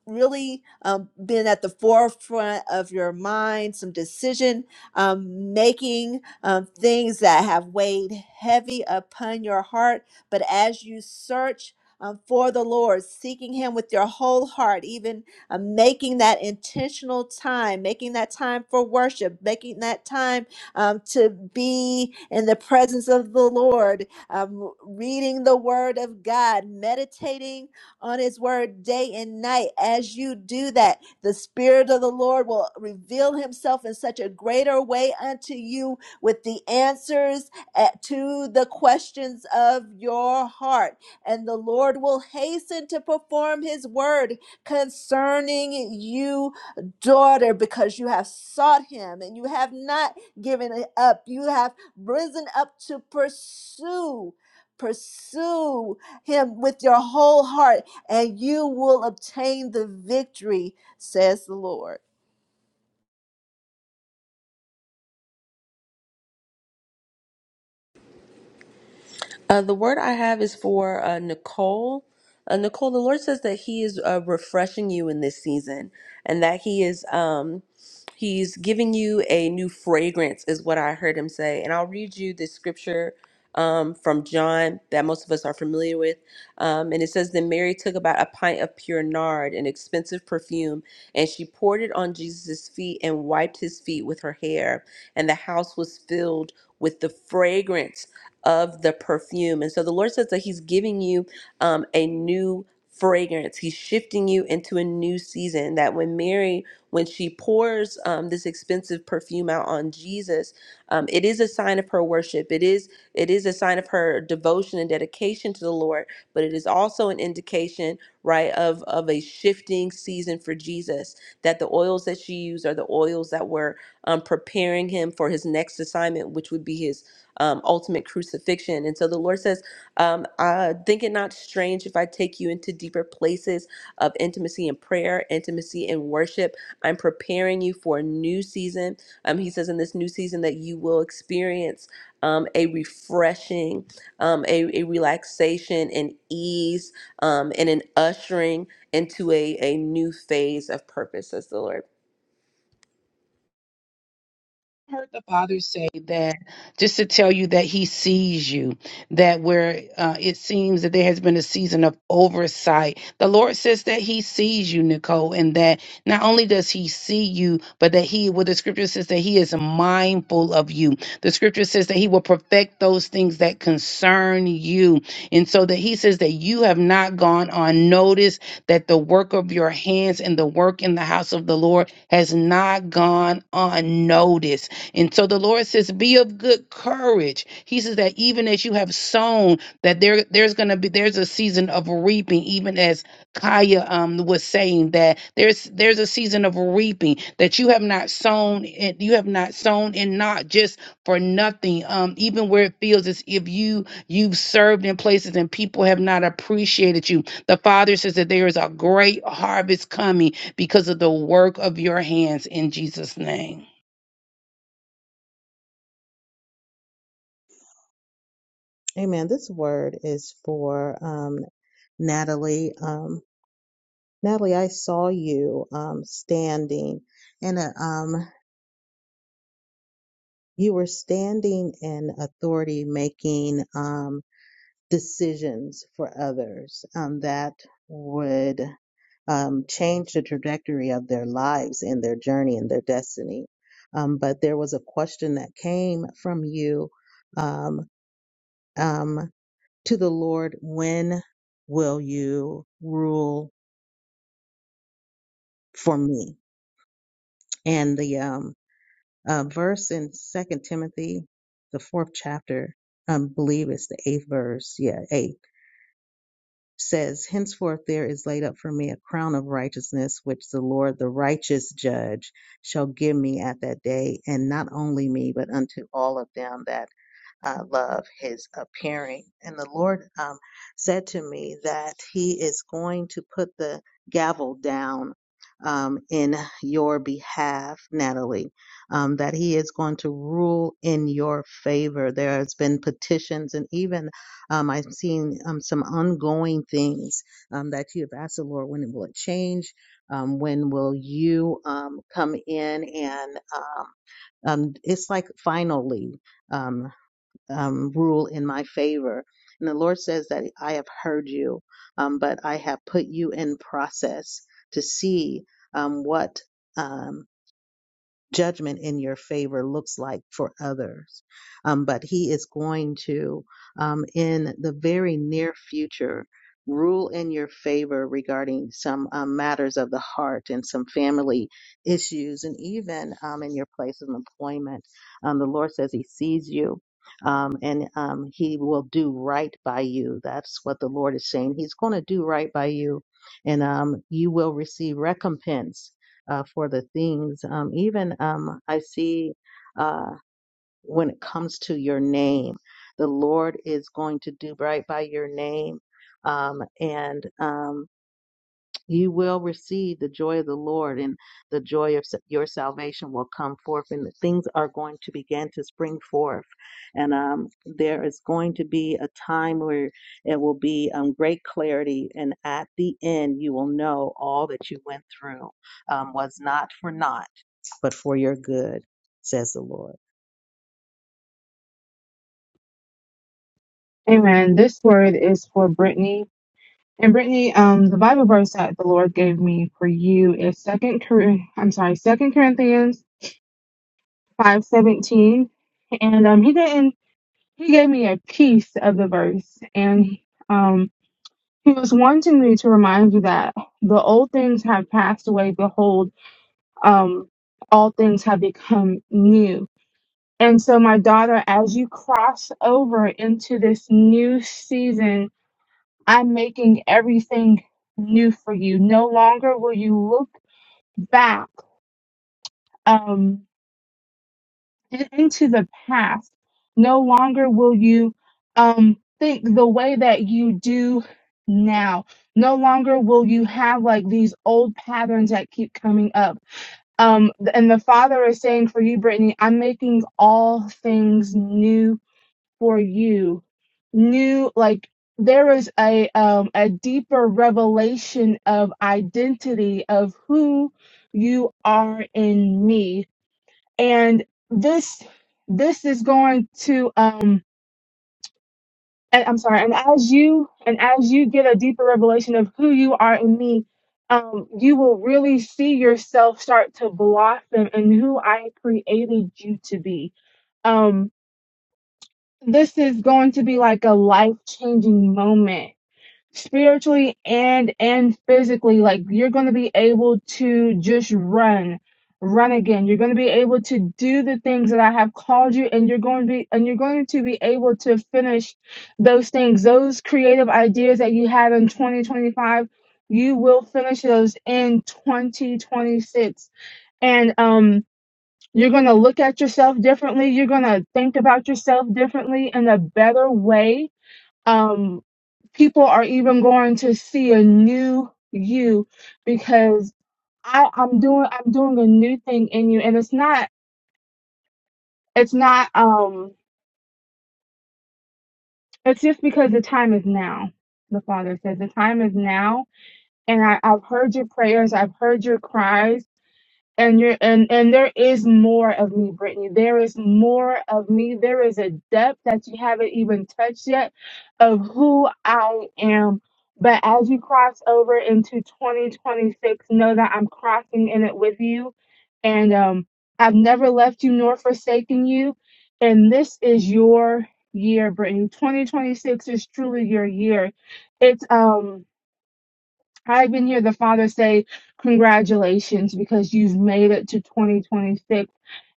Speaker 2: really um, been at the forefront of your mind, some decision um, making, um, things that have weighed heavy upon your heart. But as you search, um, for the Lord, seeking Him with your whole heart, even uh, making that intentional time, making that time for worship, making that time um, to be in the presence of the Lord, um, reading the Word of God, meditating on His Word day and night. As you do that, the Spirit of the Lord will reveal Himself in such a greater way unto you with the answers at- to the questions of your heart. And the Lord will hasten to perform His Word concerning you, daughter, because you have sought Him and you have not given it up. You have risen up to pursue. Pursue him with your whole heart and you will obtain the victory, says the Lord.
Speaker 3: Uh, the word I have is for uh, Nicole. Uh, Nicole, the Lord says that He is uh, refreshing you in this season, and that He is um, He's giving you a new fragrance, is what I heard Him say. And I'll read you this scripture um, from John that most of us are familiar with, um, and it says, "Then Mary took about a pint of pure nard, an expensive perfume, and she poured it on Jesus' feet and wiped His feet with her hair, and the house was filled." with the fragrance of the perfume. And so the Lord says that He's giving you um, a new fragrance. He's shifting you into a new season. That when Mary, when she pours um, this expensive perfume out on Jesus, um, it is a sign of her worship. It is it is a sign of her devotion and dedication to the Lord. But it is also an indication, right, of of a shifting season for Jesus. That the oils that she used are the oils that were um, preparing him for his next assignment, which would be his um, ultimate crucifixion. And so the Lord says, um, uh, Think it not strange if I take you into deeper places of intimacy in prayer, intimacy in worship. I'm preparing you for a new season. Um, he says, In this new season, that you will experience um, a refreshing, um, a, a relaxation, an ease, um, and an ushering into a, a new phase of purpose, says the Lord.
Speaker 4: heard the father say that just to tell you that he sees you that where uh, it seems that there has been a season of oversight the lord says that he sees you nicole and that not only does he see you but that he well the scripture says that he is mindful of you the scripture says that he will perfect those things that concern you and so that he says that you have not gone unnoticed. that the work of your hands and the work in the house of the lord has not gone unnoticed and so the Lord says, be of good courage. He says that even as you have sown, that there there's gonna be there's a season of reaping, even as Kaya um was saying that there's there's a season of reaping that you have not sown and you have not sown and not just for nothing. Um, even where it feels as if you you've served in places and people have not appreciated you. The Father says that there is a great harvest coming because of the work of your hands in Jesus' name.
Speaker 5: Amen. This word is for um, Natalie. Um, Natalie, I saw you um, standing and um, you were standing in authority making. Um, decisions for others um, that would um, change the trajectory of their lives and their journey and their destiny. Um, but there was a question that came from you um, um, to the Lord when will you rule for me? And the um, uh, verse in Second Timothy, the fourth chapter, I believe it's the eighth verse. Yeah, eight. says, Henceforth there is laid up for me a crown of righteousness, which the Lord, the righteous judge, shall give me at that day, and not only me, but unto all of them that uh, love his appearing. And the Lord um, said to me that he is going to put the gavel down um, in your behalf, Natalie, um, that he is going to rule in your favor. There has been petitions and even um, I've seen um, some ongoing things um, that you have asked the Lord, when will it change? Um, when will you um, come in and um, um, it's like finally um, um, rule in my favor. And the Lord says that I have heard you, um, but I have put you in process to see um, what. um, judgment in your favor looks like for others. Um, but he is going to, um, in the very near future, rule in your favor regarding some um, matters of the heart and some family issues, and even um, in your place of employment. Um, the Lord says he sees you. Um, and um, he will do right by you. That's what the Lord is saying. He's going to do right by you, and um, you will receive recompense uh, for the things. Um, even um, I see uh, when it comes to your name, the Lord is going to do right by your name, um, and um, you will receive the joy of the Lord, and the joy of sa- your salvation will come forth, and things are going to begin to spring forth. And um, there is going to be a time where it will be um, great clarity, and at the end, you will know all that you went through um, was not for naught but for your good, says the Lord.
Speaker 6: Amen. This word is for Brittany, and Brittany, um, the Bible verse that the Lord gave me for you is Second Cor- I'm sorry, Second Corinthians five seventeen, and um, he didn't. He gave me a piece of the verse, and um, he was wanting me to remind you that the old things have passed away. Behold um, all things have become new. And so, my daughter, as you cross over into this new season, I'm making everything new for you. No longer will you look back um, in- into the past. No longer will you um, think the way that you do now. No longer will you have like these old patterns that keep coming up. Um, and the Father is saying for you, Brittany, I'm making all things new for you. New, like there is a um, a deeper revelation of identity of who you are in me, and this this is going to um and I'm sorry, and as you and as you get a deeper revelation of who you are in me, um, you will really see yourself start to blossom in who I created you to be. Um, this is going to be like a life changing moment spiritually and and physically like you're going to be able to just run run again you're going to be able to do the things that i have called you and you're going to be and you're going to be able to finish those things those creative ideas that you have in 2025 you will finish those in 2026 and um you're going to look at yourself differently you're going to think about yourself differently in a better way um, people are even going to see a new you because I, I'm doing I'm doing a new thing in you, and it's not it's not um it's just because the time is now. The Father said the time is now, and I, I've heard your prayers, I've heard your cries, and you're and and there is more of me brittany there is more of me there is a depth that you haven't even touched yet of who i am but as you cross over into 2026 know that i'm crossing in it with you and um i've never left you nor forsaken you and this is your year brittany 2026 is truly your year it's um I even hear the Father say, Congratulations, because you've made it to 2026.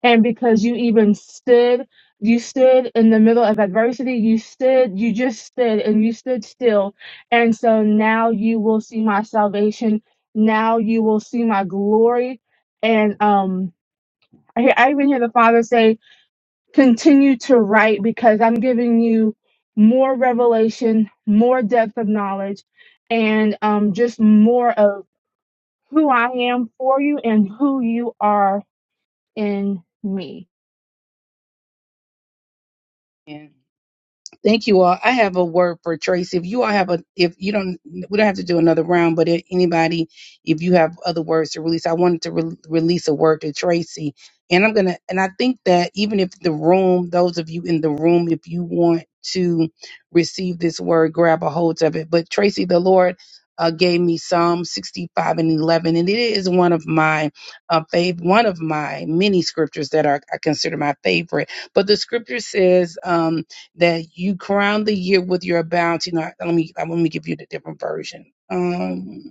Speaker 6: And because you even stood, you stood in the middle of adversity. You stood, you just stood and you stood still. And so now you will see my salvation. Now you will see my glory. And um, I, hear- I even hear the Father say, Continue to write because I'm giving you more revelation, more depth of knowledge and um, just more of who I am for you and who you are in me.
Speaker 4: Yeah. Thank you all. I have a word for Tracy. If you all have a, if you don't, we don't have to do another round, but if anybody, if you have other words to release, I wanted to re- release a word to Tracy. And I'm going to, and I think that even if the room, those of you in the room, if you want to receive this word, grab a hold of it. But Tracy, the Lord uh, gave me Psalm 65 and 11, and it is one of my uh, fav- one of my many scriptures that are, I consider my favorite. But the scripture says, um, that you crown the year with your bounty. Now, let me let me give you the different version. Um,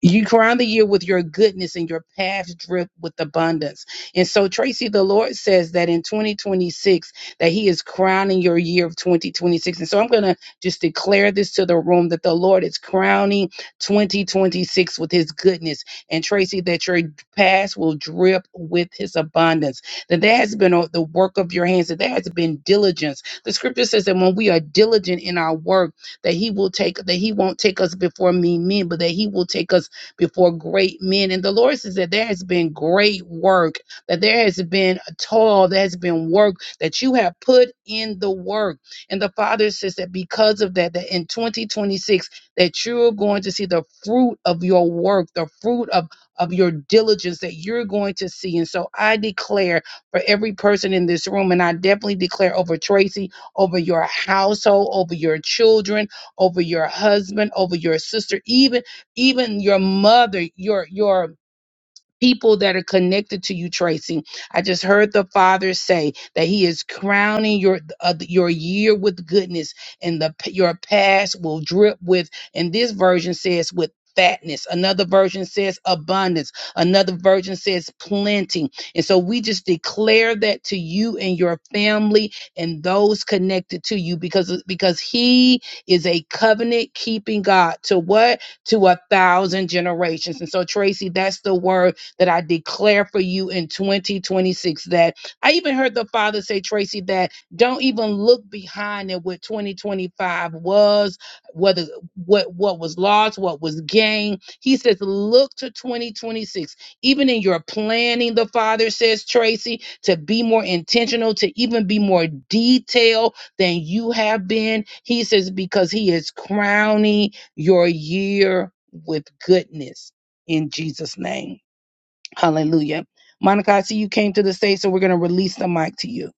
Speaker 4: you crown the year with your goodness and your paths drip with abundance. And so, Tracy, the Lord says that in 2026, that He is crowning your year of 2026. And so I'm going to just declare this to the room that the Lord is crowning 2026 with His goodness. And Tracy, that your past will drip with His abundance. That there has been uh, the work of your hands, that there has been diligence. The scripture says that when we are diligent in our work, that He will take, that He won't take us before mean men, but that He will take us before great men. And the Lord says that there has been great work, that there has been a toil, there has been work that you have put in the work. And the Father says that because of that, that in 2026, that you're going to see the fruit of your work, the fruit of of your diligence that you're going to see. And so I declare for every person in this room, and I definitely declare over Tracy, over your household, over your children, over your husband, over your sister, even even your mother your your people that are connected to you, Tracy. I just heard the Father say that He is crowning your uh, your year with goodness, and the your past will drip with. And this version says with. Fatness. Another version says abundance. Another version says plenty. And so we just declare that to you and your family and those connected to you because because he is a covenant keeping God. To what? To a thousand generations. And so Tracy, that's the word that I declare for you in 2026. That I even heard the Father say, Tracy, that don't even look behind at what 2025 was, whether what what was lost, what was gained. He says, look to 2026. Even in your planning, the Father says, Tracy, to be more intentional, to even be more detailed than you have been. He says, because He is crowning your year with goodness in Jesus' name. Hallelujah. Monica, I see you came to the stage, so we're going to release the mic to you.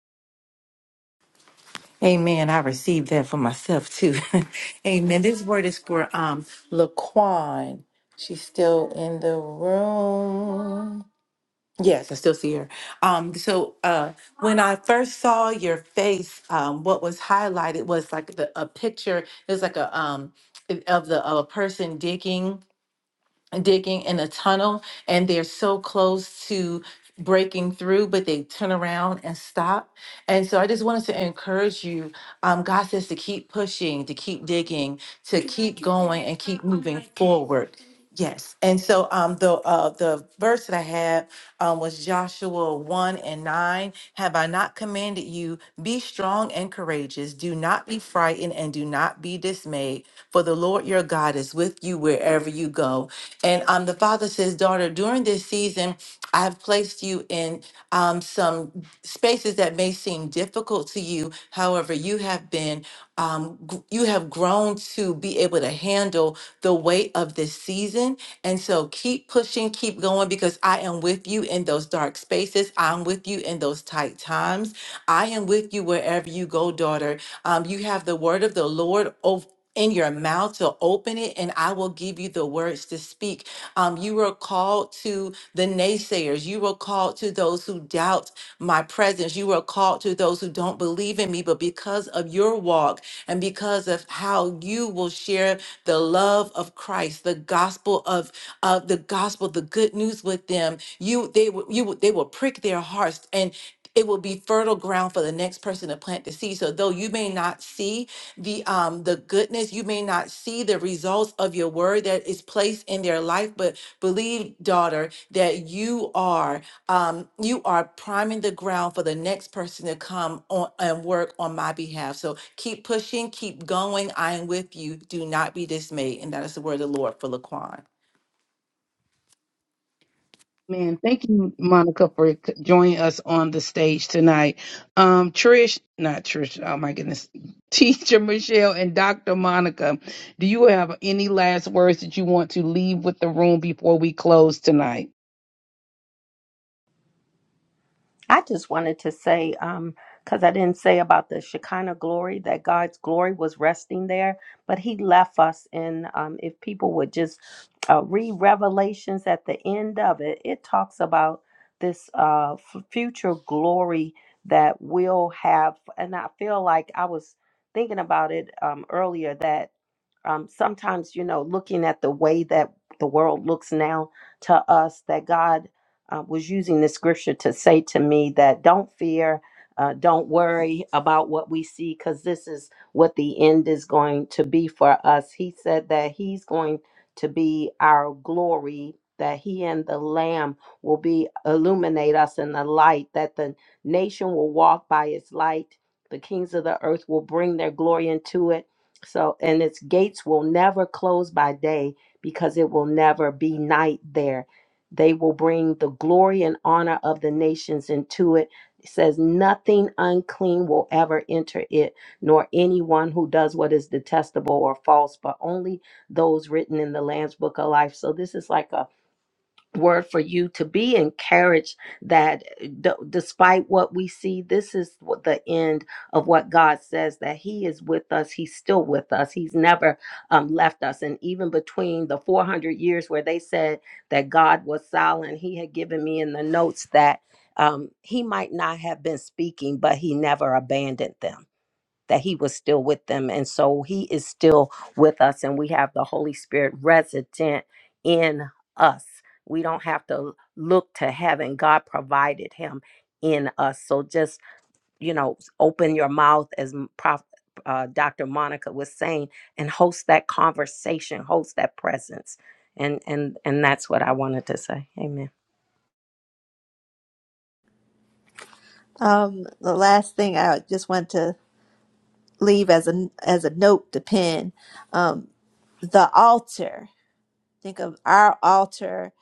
Speaker 7: Amen. I received that for myself too. Amen. This word is for um Laquan. She's still in the room. Yes, I still see her. Um, so uh when I first saw your face, um, what was highlighted was like the a picture, it was like a um of the of a person digging digging in a tunnel and they're so close to breaking through, but they turn around and stop. And so I just wanted to encourage you. Um, God says to keep pushing, to keep digging, to keep going and keep moving forward. Yes. And so um, the uh, the verse that I had um, was Joshua 1 and 9. Have I not commanded you? Be strong and courageous. Do not be frightened and do not be dismayed, for the Lord your God is with you wherever you go. And um, the father says, Daughter, during this season, I have placed you in um, some spaces that may seem difficult to you. However, you have been, um, gr- you have grown to be able to handle the weight of this season. And so keep pushing, keep going, because I am with you in those dark spaces. I'm with you in those tight times. I am with you wherever you go, daughter. Um, you have the word of the Lord ov- in your mouth to open it, and I will give you the words to speak. Um, you were called to the naysayers. You were called to those who doubt my presence. You were called to those who don't believe in me. But because of your walk and because of how you will share the love of Christ, the gospel of of the gospel, the good news with them, you they will you will- they will prick their hearts, and it will be fertile ground for the next person to plant the seed. So though you may not see the um the goodness, you may not see the results of your word that is placed in their life, but believe, daughter, that you are um you are priming the ground for the next person to come on and work on my behalf. So keep pushing, keep going. I am with you. Do not be dismayed. And that is the word of the Lord for Laquan.
Speaker 4: Man, thank you, Monica, for c- joining us on the stage tonight. Um, Trish, not Trish, oh my goodness, Teacher Michelle and Dr. Monica, do you have any last words that you want to leave with the room before we close tonight?
Speaker 1: I just wanted to say, um, because I didn't say about the Shekinah glory, that God's glory was resting there, but He left us. in. um, if people would just uh, read Revelations at the end of it, it talks about this uh, f- future glory that we'll have. And I feel like I was thinking about it um, earlier that um, sometimes you know looking at the way that the world looks now to us that god uh, was using the scripture to say to me that don't fear uh, don't worry about what we see because this is what the end is going to be for us he said that he's going to be our glory that he and the lamb will be illuminate us in the light that the nation will walk by its light the kings of the earth will bring their glory into it so, and its gates will never close by day because it will never be night there. They will bring the glory and honor of the nations into it. It says, Nothing unclean will ever enter it, nor anyone who does what is detestable or false, but only those written in the Lamb's book of life. So, this is like a word for you to be encouraged that eh, d- despite what we see this is what the end of what god says that he is with us he's still with us he's never um, left us and even between the 400 years where they said that god was silent he had given me in the notes that um, he might not have been speaking but he never abandoned them that he was still with them. And so he is still with us, and we have the Holy Spirit resident in us. We don't have to look to heaven, God provided him in us. So just, you know, open your mouth as Prof. Uh, Dr. Monica was saying, and host that conversation, host that presence, and and and that's what I wanted to say. Amen.
Speaker 2: Um, the last thing I just want to leave as a as a note to pen, um, the altar. think of our altar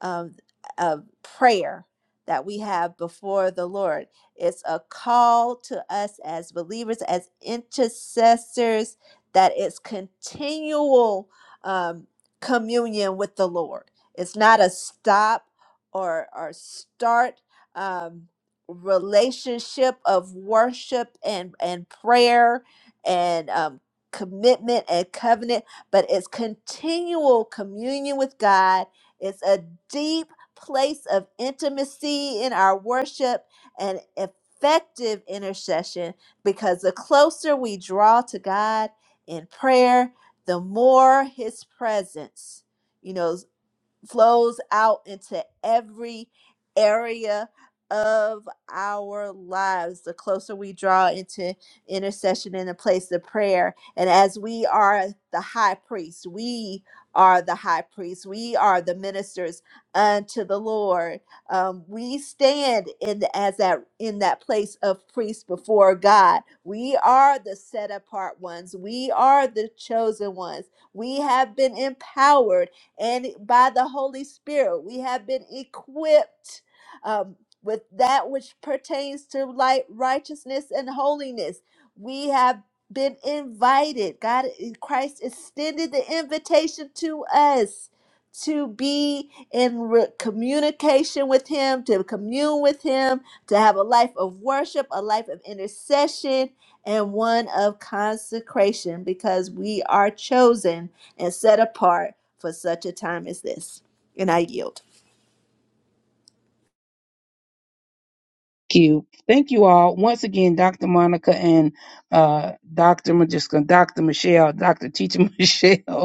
Speaker 2: of, of prayer that we have before the Lord. It's a call to us as believers, as intercessors, that it's continual um, communion with the Lord. It's not a stop or, or start um, relationship of worship and, and prayer and um, commitment and covenant but it's continual communion with God. It's a deep place of intimacy in our worship and effective intercession because the closer we draw to God in prayer, the more his presence. You know, flows out into every area of our lives the closer we draw into intercession in the place of prayer and as we are the high priest we are the high priest we are the ministers unto the lord um, we stand in the, as that in that place of priest before god we are the set apart ones we are the chosen ones we have been empowered and by the Holy Spirit, we have been equipped um, with that which pertains to light, righteousness, and holiness. We have been invited. God, eh, Christ extended the invitation to us to be in re- communication with Him, to commune with Him, to have a life of worship, a life of intercession, and one of consecration because we are chosen and set apart for such a time as this. And I yield.
Speaker 4: Thank you. Thank you all. Once again, Dr. Monica and uh, Dr. I'm just gonna- Dr. Michelle, Dr. Teacher Michelle.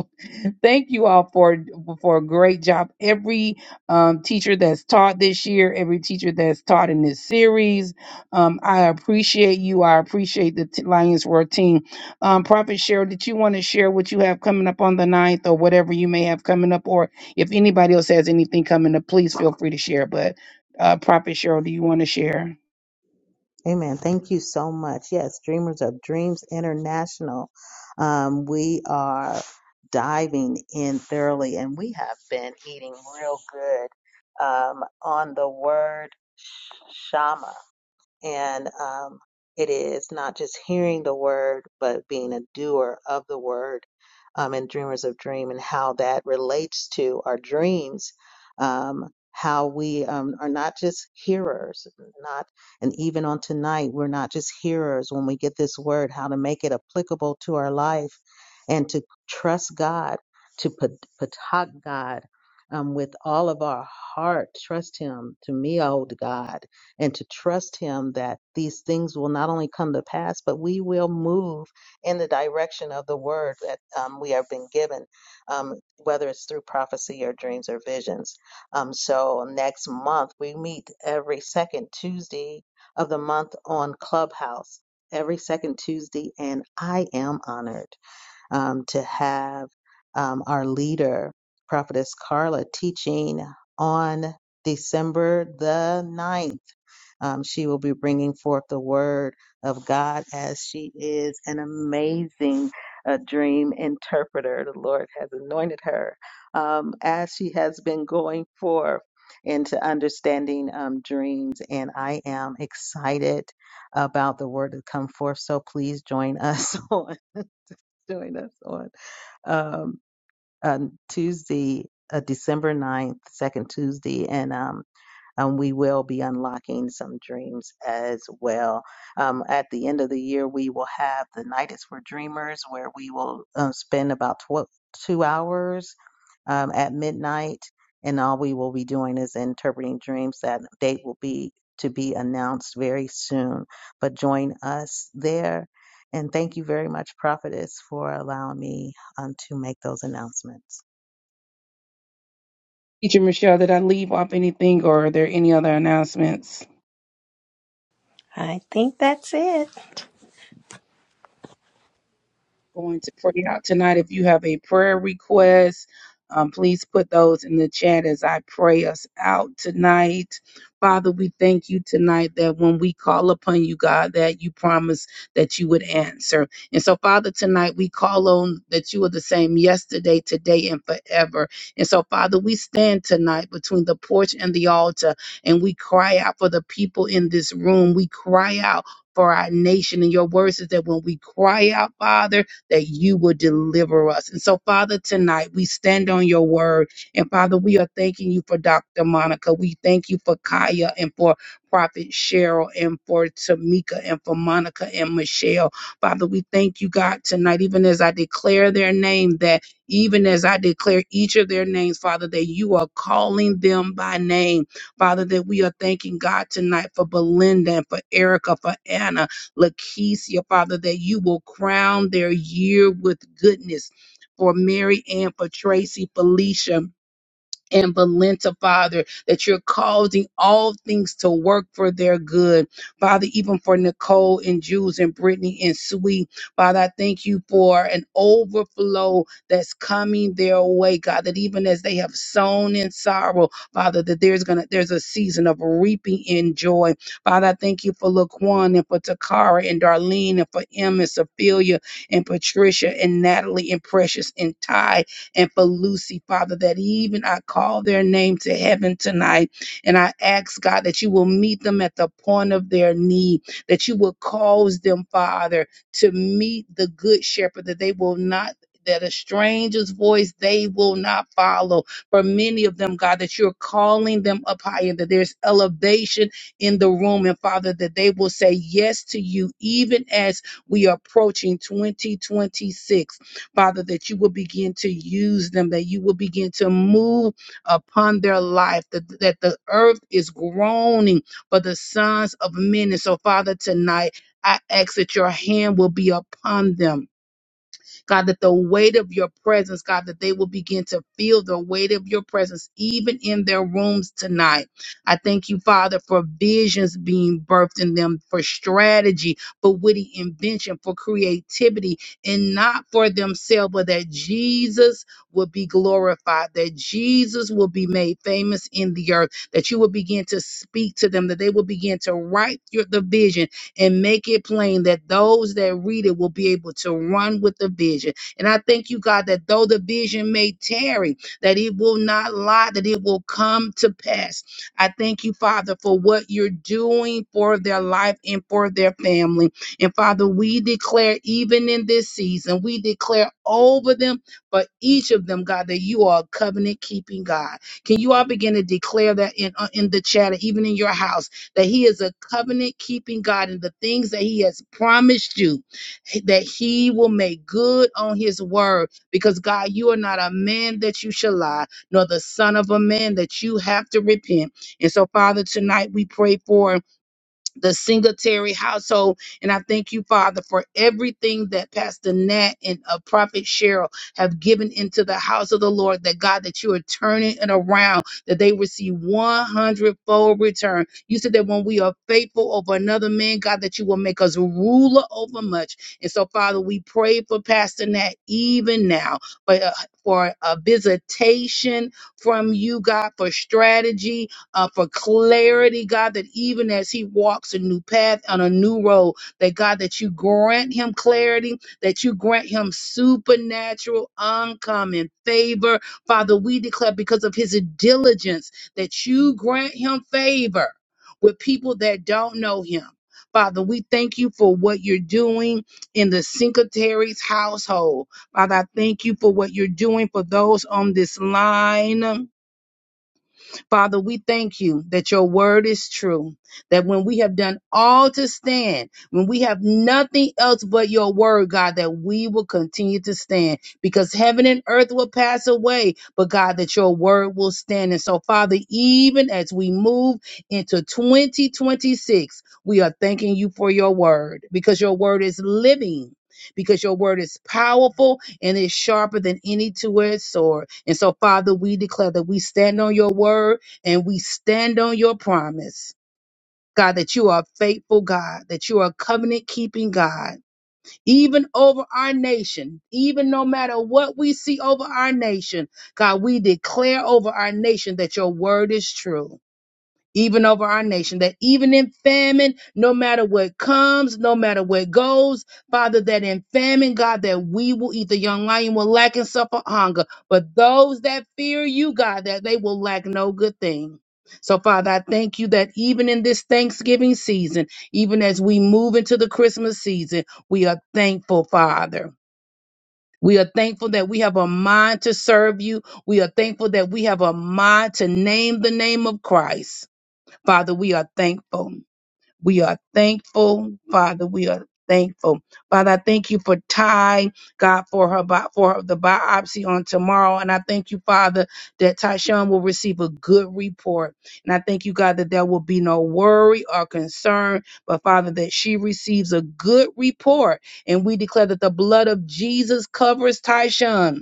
Speaker 4: Thank you all for for a great job. Every um, teacher that's taught this year, every teacher that's taught in this series, um, I appreciate you. I appreciate the t- Lions Roar team. Um, Prophet Cheryl, did you want to share what you have coming up on the ninth, or whatever you may have coming up? Or if anybody else has anything coming up, please feel free to share. But uh, Prophet Cheryl, do you want to share?
Speaker 5: Amen. Thank you so much. Yes, Dreamers of Dreams International. Um, we are diving in thoroughly, and we have been eating real good um, on the word shama. And um, it is not just hearing the word, but being a doer of the word um, and dreamers of dream and how that relates to our dreams. Um, how we um, are not just hearers, not, and even on tonight, we're not just hearers when we get this word, how to make it applicable to our life and to trust God, to pat- patak God um, with all of our heart, trust Him. To me, old God and to trust Him that these things will not only come to pass, but we will move in the direction of the word that um, we have been given, um, whether it's through prophecy or dreams or visions. Um, so next month, we meet every second Tuesday of the month on Clubhouse. Every second Tuesday, and I am honored um, to have um, our leader, Prophetess Carla, teaching on December the ninth. Um, she will be bringing forth the word of God as she is an amazing uh, dream interpreter. The Lord has anointed her um, as she has been going forth into understanding um, dreams. And I am excited about the word to come forth. So please join us on. Join us on um, on Tuesday, uh, December ninth, second Tuesday. And um, um, we will be unlocking some dreams as well. Um, at the end of the year, we will have the Night is for Dreamers, where we will uh, spend about tw- two hours um, at midnight, and all we will be doing is interpreting dreams. That date will be to be announced very soon, but join us there. And thank you very much, Prophetess, for allowing me um, to make those announcements.
Speaker 4: Teacher Michelle, did I leave off anything or are there any other announcements?
Speaker 1: I think that's it.
Speaker 4: going to pray out tonight. If you have a prayer request, um, please put those in the chat as I pray us out tonight. Father, we thank you tonight that when we call upon you, God, that you promise that you would answer. And so, Father, tonight we call on that you are the same yesterday, today, and forever. And so, Father, we stand tonight between the porch and the altar and we cry out for the people in this room. We cry out for our nation. And your words is that when we cry out, Father, that you will deliver us. And so, Father, tonight we stand on your word. And Father, we are thanking you for Dr. Monica. We thank you for Kaya and for Prophet Cheryl and for Tamika and for Monica and Michelle. Father, we thank you, God, tonight, even as I declare their name, that even as I declare each of their names, Father, that you are calling them by name. Father, that we are thanking God tonight for Belinda and for Erica, for Anna, Lakeisha, Father, that you will crown their year with goodness for Mary Ann, for Tracy, Felicia and Valenta, Father, that you're causing all things to work for their good. Father, even for Nicole and Jules and Brittany and Sweet, Father, I thank you for an overflow that's coming their way, God, that even as they have sown in sorrow, Father, that there's gonna there's a season of reaping in joy. Father, I thank you for Laquan and for Takara and Darlene and for Em and Sophia and Patricia and Natalie and Precious and Ty and for Lucy, Father, that even I call their name to heaven tonight. And I ask, God, that you will meet them at the point of their need, that you will cause them, Father, to meet the good shepherd, that they will not. That a stranger's voice they will not follow. For many of them, God, that you're calling them up higher, that there's elevation in the room, and Father, that they will say yes to you, even as we are approaching 2026. Father, that you will begin to use them, that you will begin to move upon their life, that, that the earth is groaning for the sons of men. And so, Father, tonight I ask that your hand will be upon them God, that the weight of your presence, God, that they will begin to feel the weight of your presence even in their rooms tonight. I thank you, Father, for visions being birthed in them, for strategy, for witty invention, for creativity, and not for themselves, but that Jesus will be glorified, that Jesus will be made famous in the earth, that you will begin to speak to them, that they will begin to write your, the vision and make it plain that those that read it will be able to run with the vision. And I thank you, God, that though the vision may tarry, that it will not lie, that it will come to pass. I thank you, Father, for what you're doing for their life and for their family. And Father, we declare, even in this season, we declare over them for each of them, God, that you are a covenant keeping God. Can you all begin to declare that in, uh, in the chat, even in your house? that He is a covenant keeping God and the things that He has promised you, that He will make good on His word. Because, God, you are not a man that you shall lie, nor the Son of a man that you have to repent. And so, Father, tonight we pray for the Singletary household. And I thank you, Father, for everything that Pastor Nat and uh, Prophet Cheryl have given into the house of the Lord, that God, that you are turning it around, that they receive 100 fold return. You said that when we are faithful over another man, God, that you will make us ruler over much. And so, Father, we pray for Pastor Nat even now for, uh, for a visitation from you, God, for strategy, uh, for clarity, God, that even as he walks a new path on a new road, that God, that you grant him clarity, that you grant him supernatural, uncommon favor. Father, we declare because of his diligence that you grant him favor with people that don't know him. Father, we thank you for what you're doing in the Sincataries household. Father, I thank you for what you're doing for those on this line. Father, we thank you that your word is true, that when we have done all to stand, when we have nothing else but your word, God, that we will continue to stand because heaven and earth will pass away, but God, that your word will stand. And so, Father, even as we move into 2026, we are thanking you for your word because your word is living. Because your word is powerful and is sharper than any two edged sword. And so, Father, we declare that we stand on your word and we stand on your promise, God, that you are a faithful God, that you are a covenant keeping God, even over our nation, even no matter what we see over our nation, God, we declare over our nation that your word is true even over our nation, that even in famine, no matter what comes, no matter what goes, Father, that in famine, God, that we will eat the young lion will lack and suffer hunger. But those that fear you, God, that they will lack no good thing. So, Father, I thank you that even in this Thanksgiving season, even as we move into the Christmas season, we are thankful, Father. We are thankful that we have a mind to serve you. We are thankful that we have a mind to name the name of Christ. Father, we are thankful. We are thankful, Father. We are thankful, Father. I thank you for Ty, God, for her bi- for the biopsy on tomorrow, and I thank you, Father, that Tyshawn will receive a good report, and I thank you, God, that there will be no worry or concern, but Father, that she receives a good report, and we declare that the blood of Jesus covers Tyshawn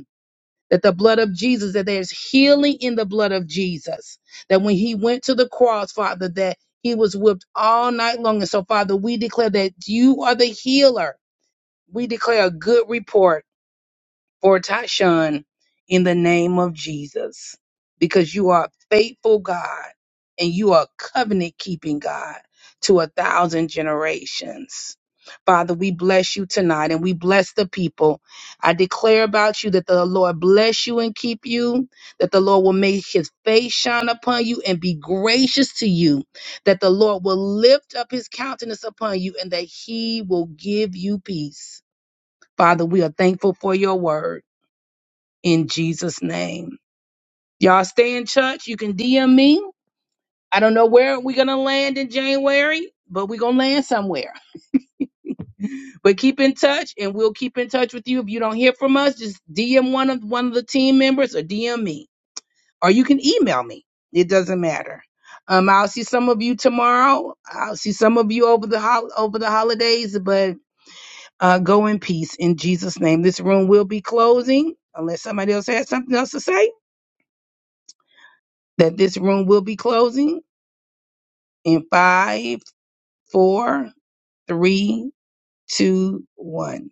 Speaker 4: that the blood of Jesus, that there's healing in the blood of Jesus. That when he went to the cross, Father, that he was whipped all night long. And so, Father, we declare that you are the healer. We declare a good report for Tyshawn in the name of Jesus because you are a faithful God and you are a covenant keeping God to a thousand generations. Father, we bless you tonight and we bless the people. I declare about you that the Lord bless you and keep you, that the Lord will make his face shine upon you and be gracious to you, that the Lord will lift up his countenance upon you and that he will give you peace. Father, we are thankful for your word in Jesus' name. Y'all stay in touch. You can DM me. I don't know where we're going to land in January, but we're going to land somewhere. But keep in touch and we'll keep in touch with you. If you don't hear from us, just DM one of one of the team members or DM me. Or you can email me. It doesn't matter. Um, I'll see some of you tomorrow. I'll see some of you over the hol- over the holidays, but uh, go in peace in Jesus' name. This room will be closing unless somebody else has something else to say. That this room will be closing in five, four, three, two, one.